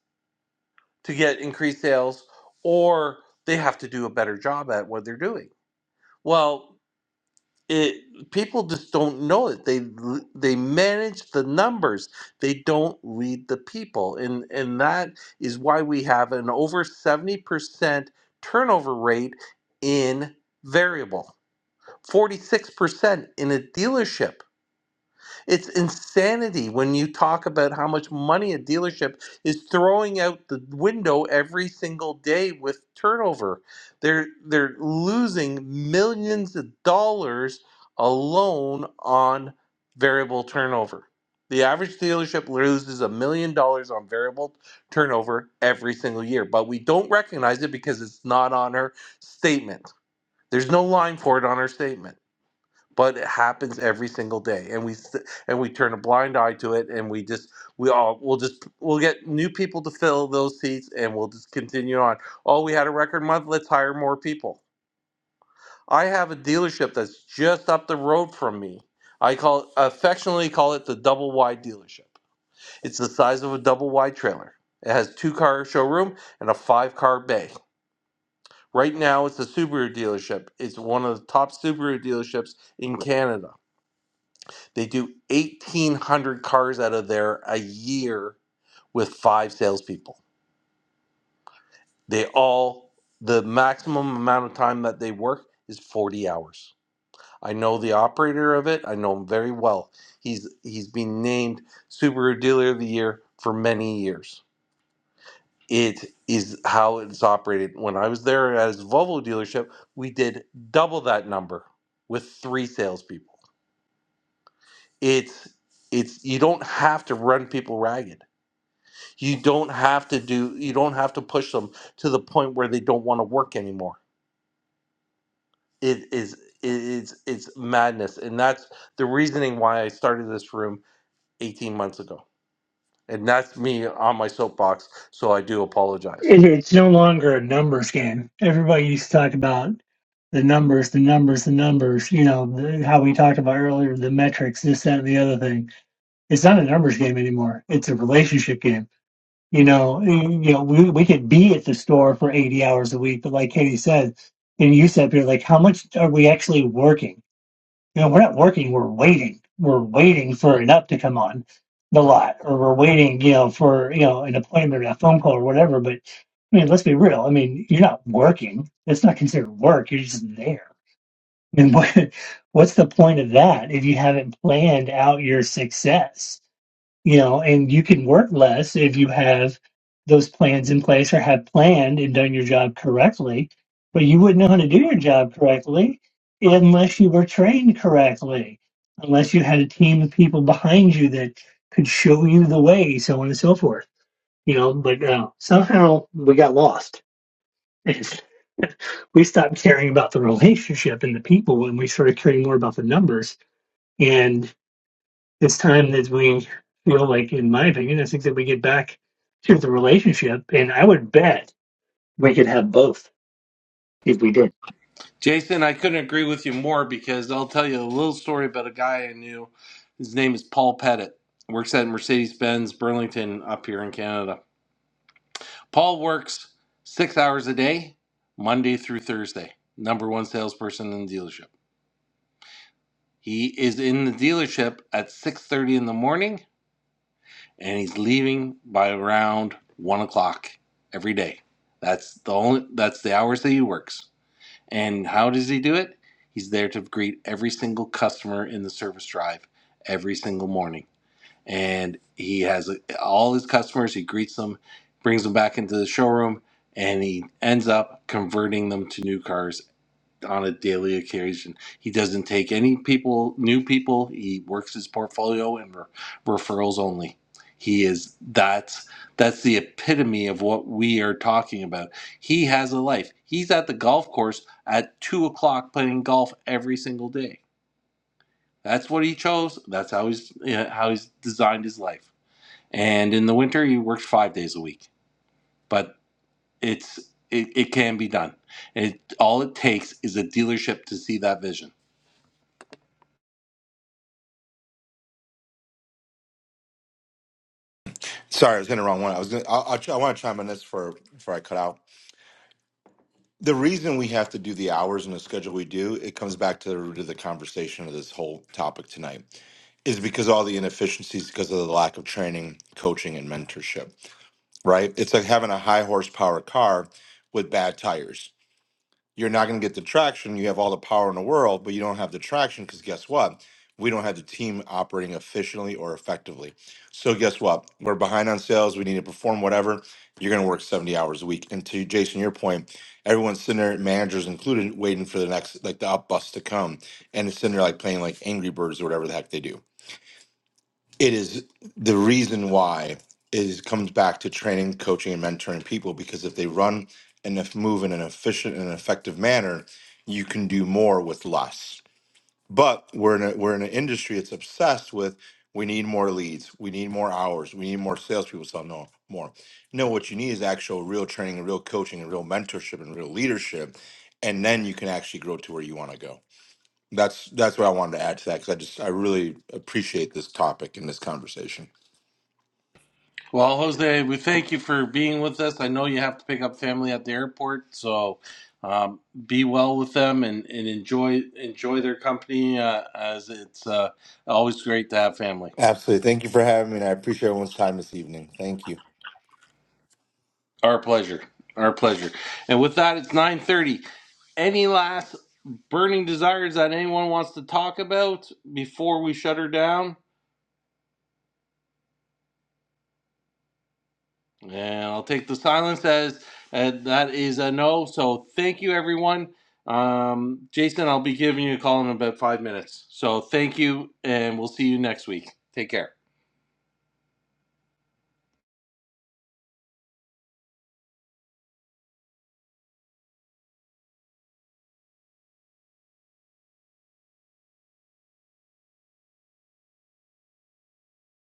Speaker 1: to get increased sales or they have to do a better job at what they're doing well it people just don't know it they l- they manage the numbers they don't lead the people and and that is why we have an over 70% turnover rate in variable 46% in a dealership it's insanity when you talk about how much money a dealership is throwing out the window every single day with turnover. They're they're losing millions of dollars alone on variable turnover. The average dealership loses a million dollars on variable turnover every single year, but we don't recognize it because it's not on our statement. There's no line for it on our statement but it happens every single day and we s- and we turn a blind eye to it and we just we all we'll just we'll get new people to fill those seats and we'll just continue on oh we had a record month let's hire more people i have a dealership that's just up the road from me i call affectionately call it the double wide dealership it's the size of a double wide trailer it has two car showroom and a five car bay right now it's a subaru dealership it's one of the top subaru dealerships in canada They do 1,800 cars out of there a year with five salespeople. They all, the maximum amount of time that they work is 40 hours. I know the operator of it. I know him very well. He's he's been named Subaru Dealer of the Year for many years. It is how it's operated. When I was there as Volvo dealership, we did double that number with three salespeople. It's it's you don't have to run people ragged You don't have to do you don't have to push them to the point where they don't want to work anymore. It is it is it's madness. And that's the reasoning why I started this room 18 months ago. And that's me on my soapbox, so I do apologize.
Speaker 8: It, it's no longer a numbers game. Everybody used to talk about the numbers, the numbers, the numbers. You know the, how we talked about earlier, the metrics, this, that, and the other thing. It's not a numbers game anymore. It's a relationship game. You know, you know, we we could be at the store for 80 hours a week, but like Katie said, and you said, Peter, like, how much are we actually working? You know, we're not working, we're waiting. We're waiting for an up to come on the lot, or we're waiting, you know, for, you know, an appointment or a phone call or whatever. But I mean, let's be real. I mean, you're not working. That's not considered work. You're just there. I mean, what, what's the point of that if you haven't planned out your success? you know, and you can work less if you have those plans in place or have planned and done your job correctly. But you wouldn't know how to do your job correctly unless you were trained correctly, unless you had a team of people behind you that could show you the way, so on and so forth. You know, but uh, somehow we got lost. And we stopped caring about the relationship and the people, and we started caring more about the numbers. and it's time that we feel like, in my opinion, I think that we get back to the relationship. And I would bet we could have both if we did.
Speaker 1: Jason, I couldn't agree with you more because I'll tell you a little story about a guy I knew. His name is Paul Pettit. Works at Mercedes Benz Burlington up here in Canada Paul works six hours a day, Monday through Thursday. Number one salesperson in the dealership. He is in the dealership at six thirty in the morning, and he's leaving by around one o'clock every day. That's the only. That's the hours that he works. And how does he do it? He's there to greet every single customer in the service drive every single morning and he has uh, all his customers. He greets them, brings them back into the showroom, and he ends up converting them to new cars on a daily occasion. He doesn't take any people, new people. He works his portfolio and re- referrals only. He is that's that's the epitome of what we are talking about. He has a life. He's at the golf course at two o'clock playing golf every single day. That's what he chose. That's how he's you know, how he's designed his life and in the winter you worked five days a week but it's it, it can be done it all it takes is a dealership to see that vision
Speaker 2: Sorry, I was in the wrong one. I was. Gonna, I, I, I want to chime on this for before I cut out the reason we have to do the hours and the schedule we do, it comes back to the root of the conversation of this whole topic tonight, is because all the inefficiencies because of the lack of training, coaching, and mentorship, right? It's like having a high horsepower car with bad tires you're not going to get the traction. You have all the power in the world, but you don't have the traction because guess what? We don't have the team operating efficiently or effectively. So guess what? We're behind on sales. We need to perform whatever. You're going to work 70 hours a week. And to Jason, your point, everyone's sitting there, managers included, waiting for the next, like the up bus to come. And it's sitting there like playing like Angry Birds or whatever the heck they do it is the reason why is comes back to training coaching and mentoring people because if they run and if move in an efficient and effective manner you can do more with less but we're in a we're in an industry that's obsessed with we need more leads we need more hours we need more salespeople so no more no what you need is actual real training and real coaching and real mentorship and real leadership and then you can actually grow to where you want to go that's that's what i wanted to add to that because i just i really appreciate this topic and this conversation
Speaker 1: well jose we thank you for being with us i know you have to pick up family at the airport so um, be well with them and, and enjoy enjoy their company uh, as it's uh, always great to have family
Speaker 2: Absolutely. Thank you for having me, and I appreciate everyone's time this evening. Thank you.
Speaker 1: Our pleasure. Our pleasure. And with that, it's 930. Any last burning desires that anyone wants to talk about before we shut her down? And I'll take the silence as uh, that is a no. So thank you, everyone. Um, Jason, I'll be giving you a call in about five minutes. So thank you, and we'll see you next week. Take care.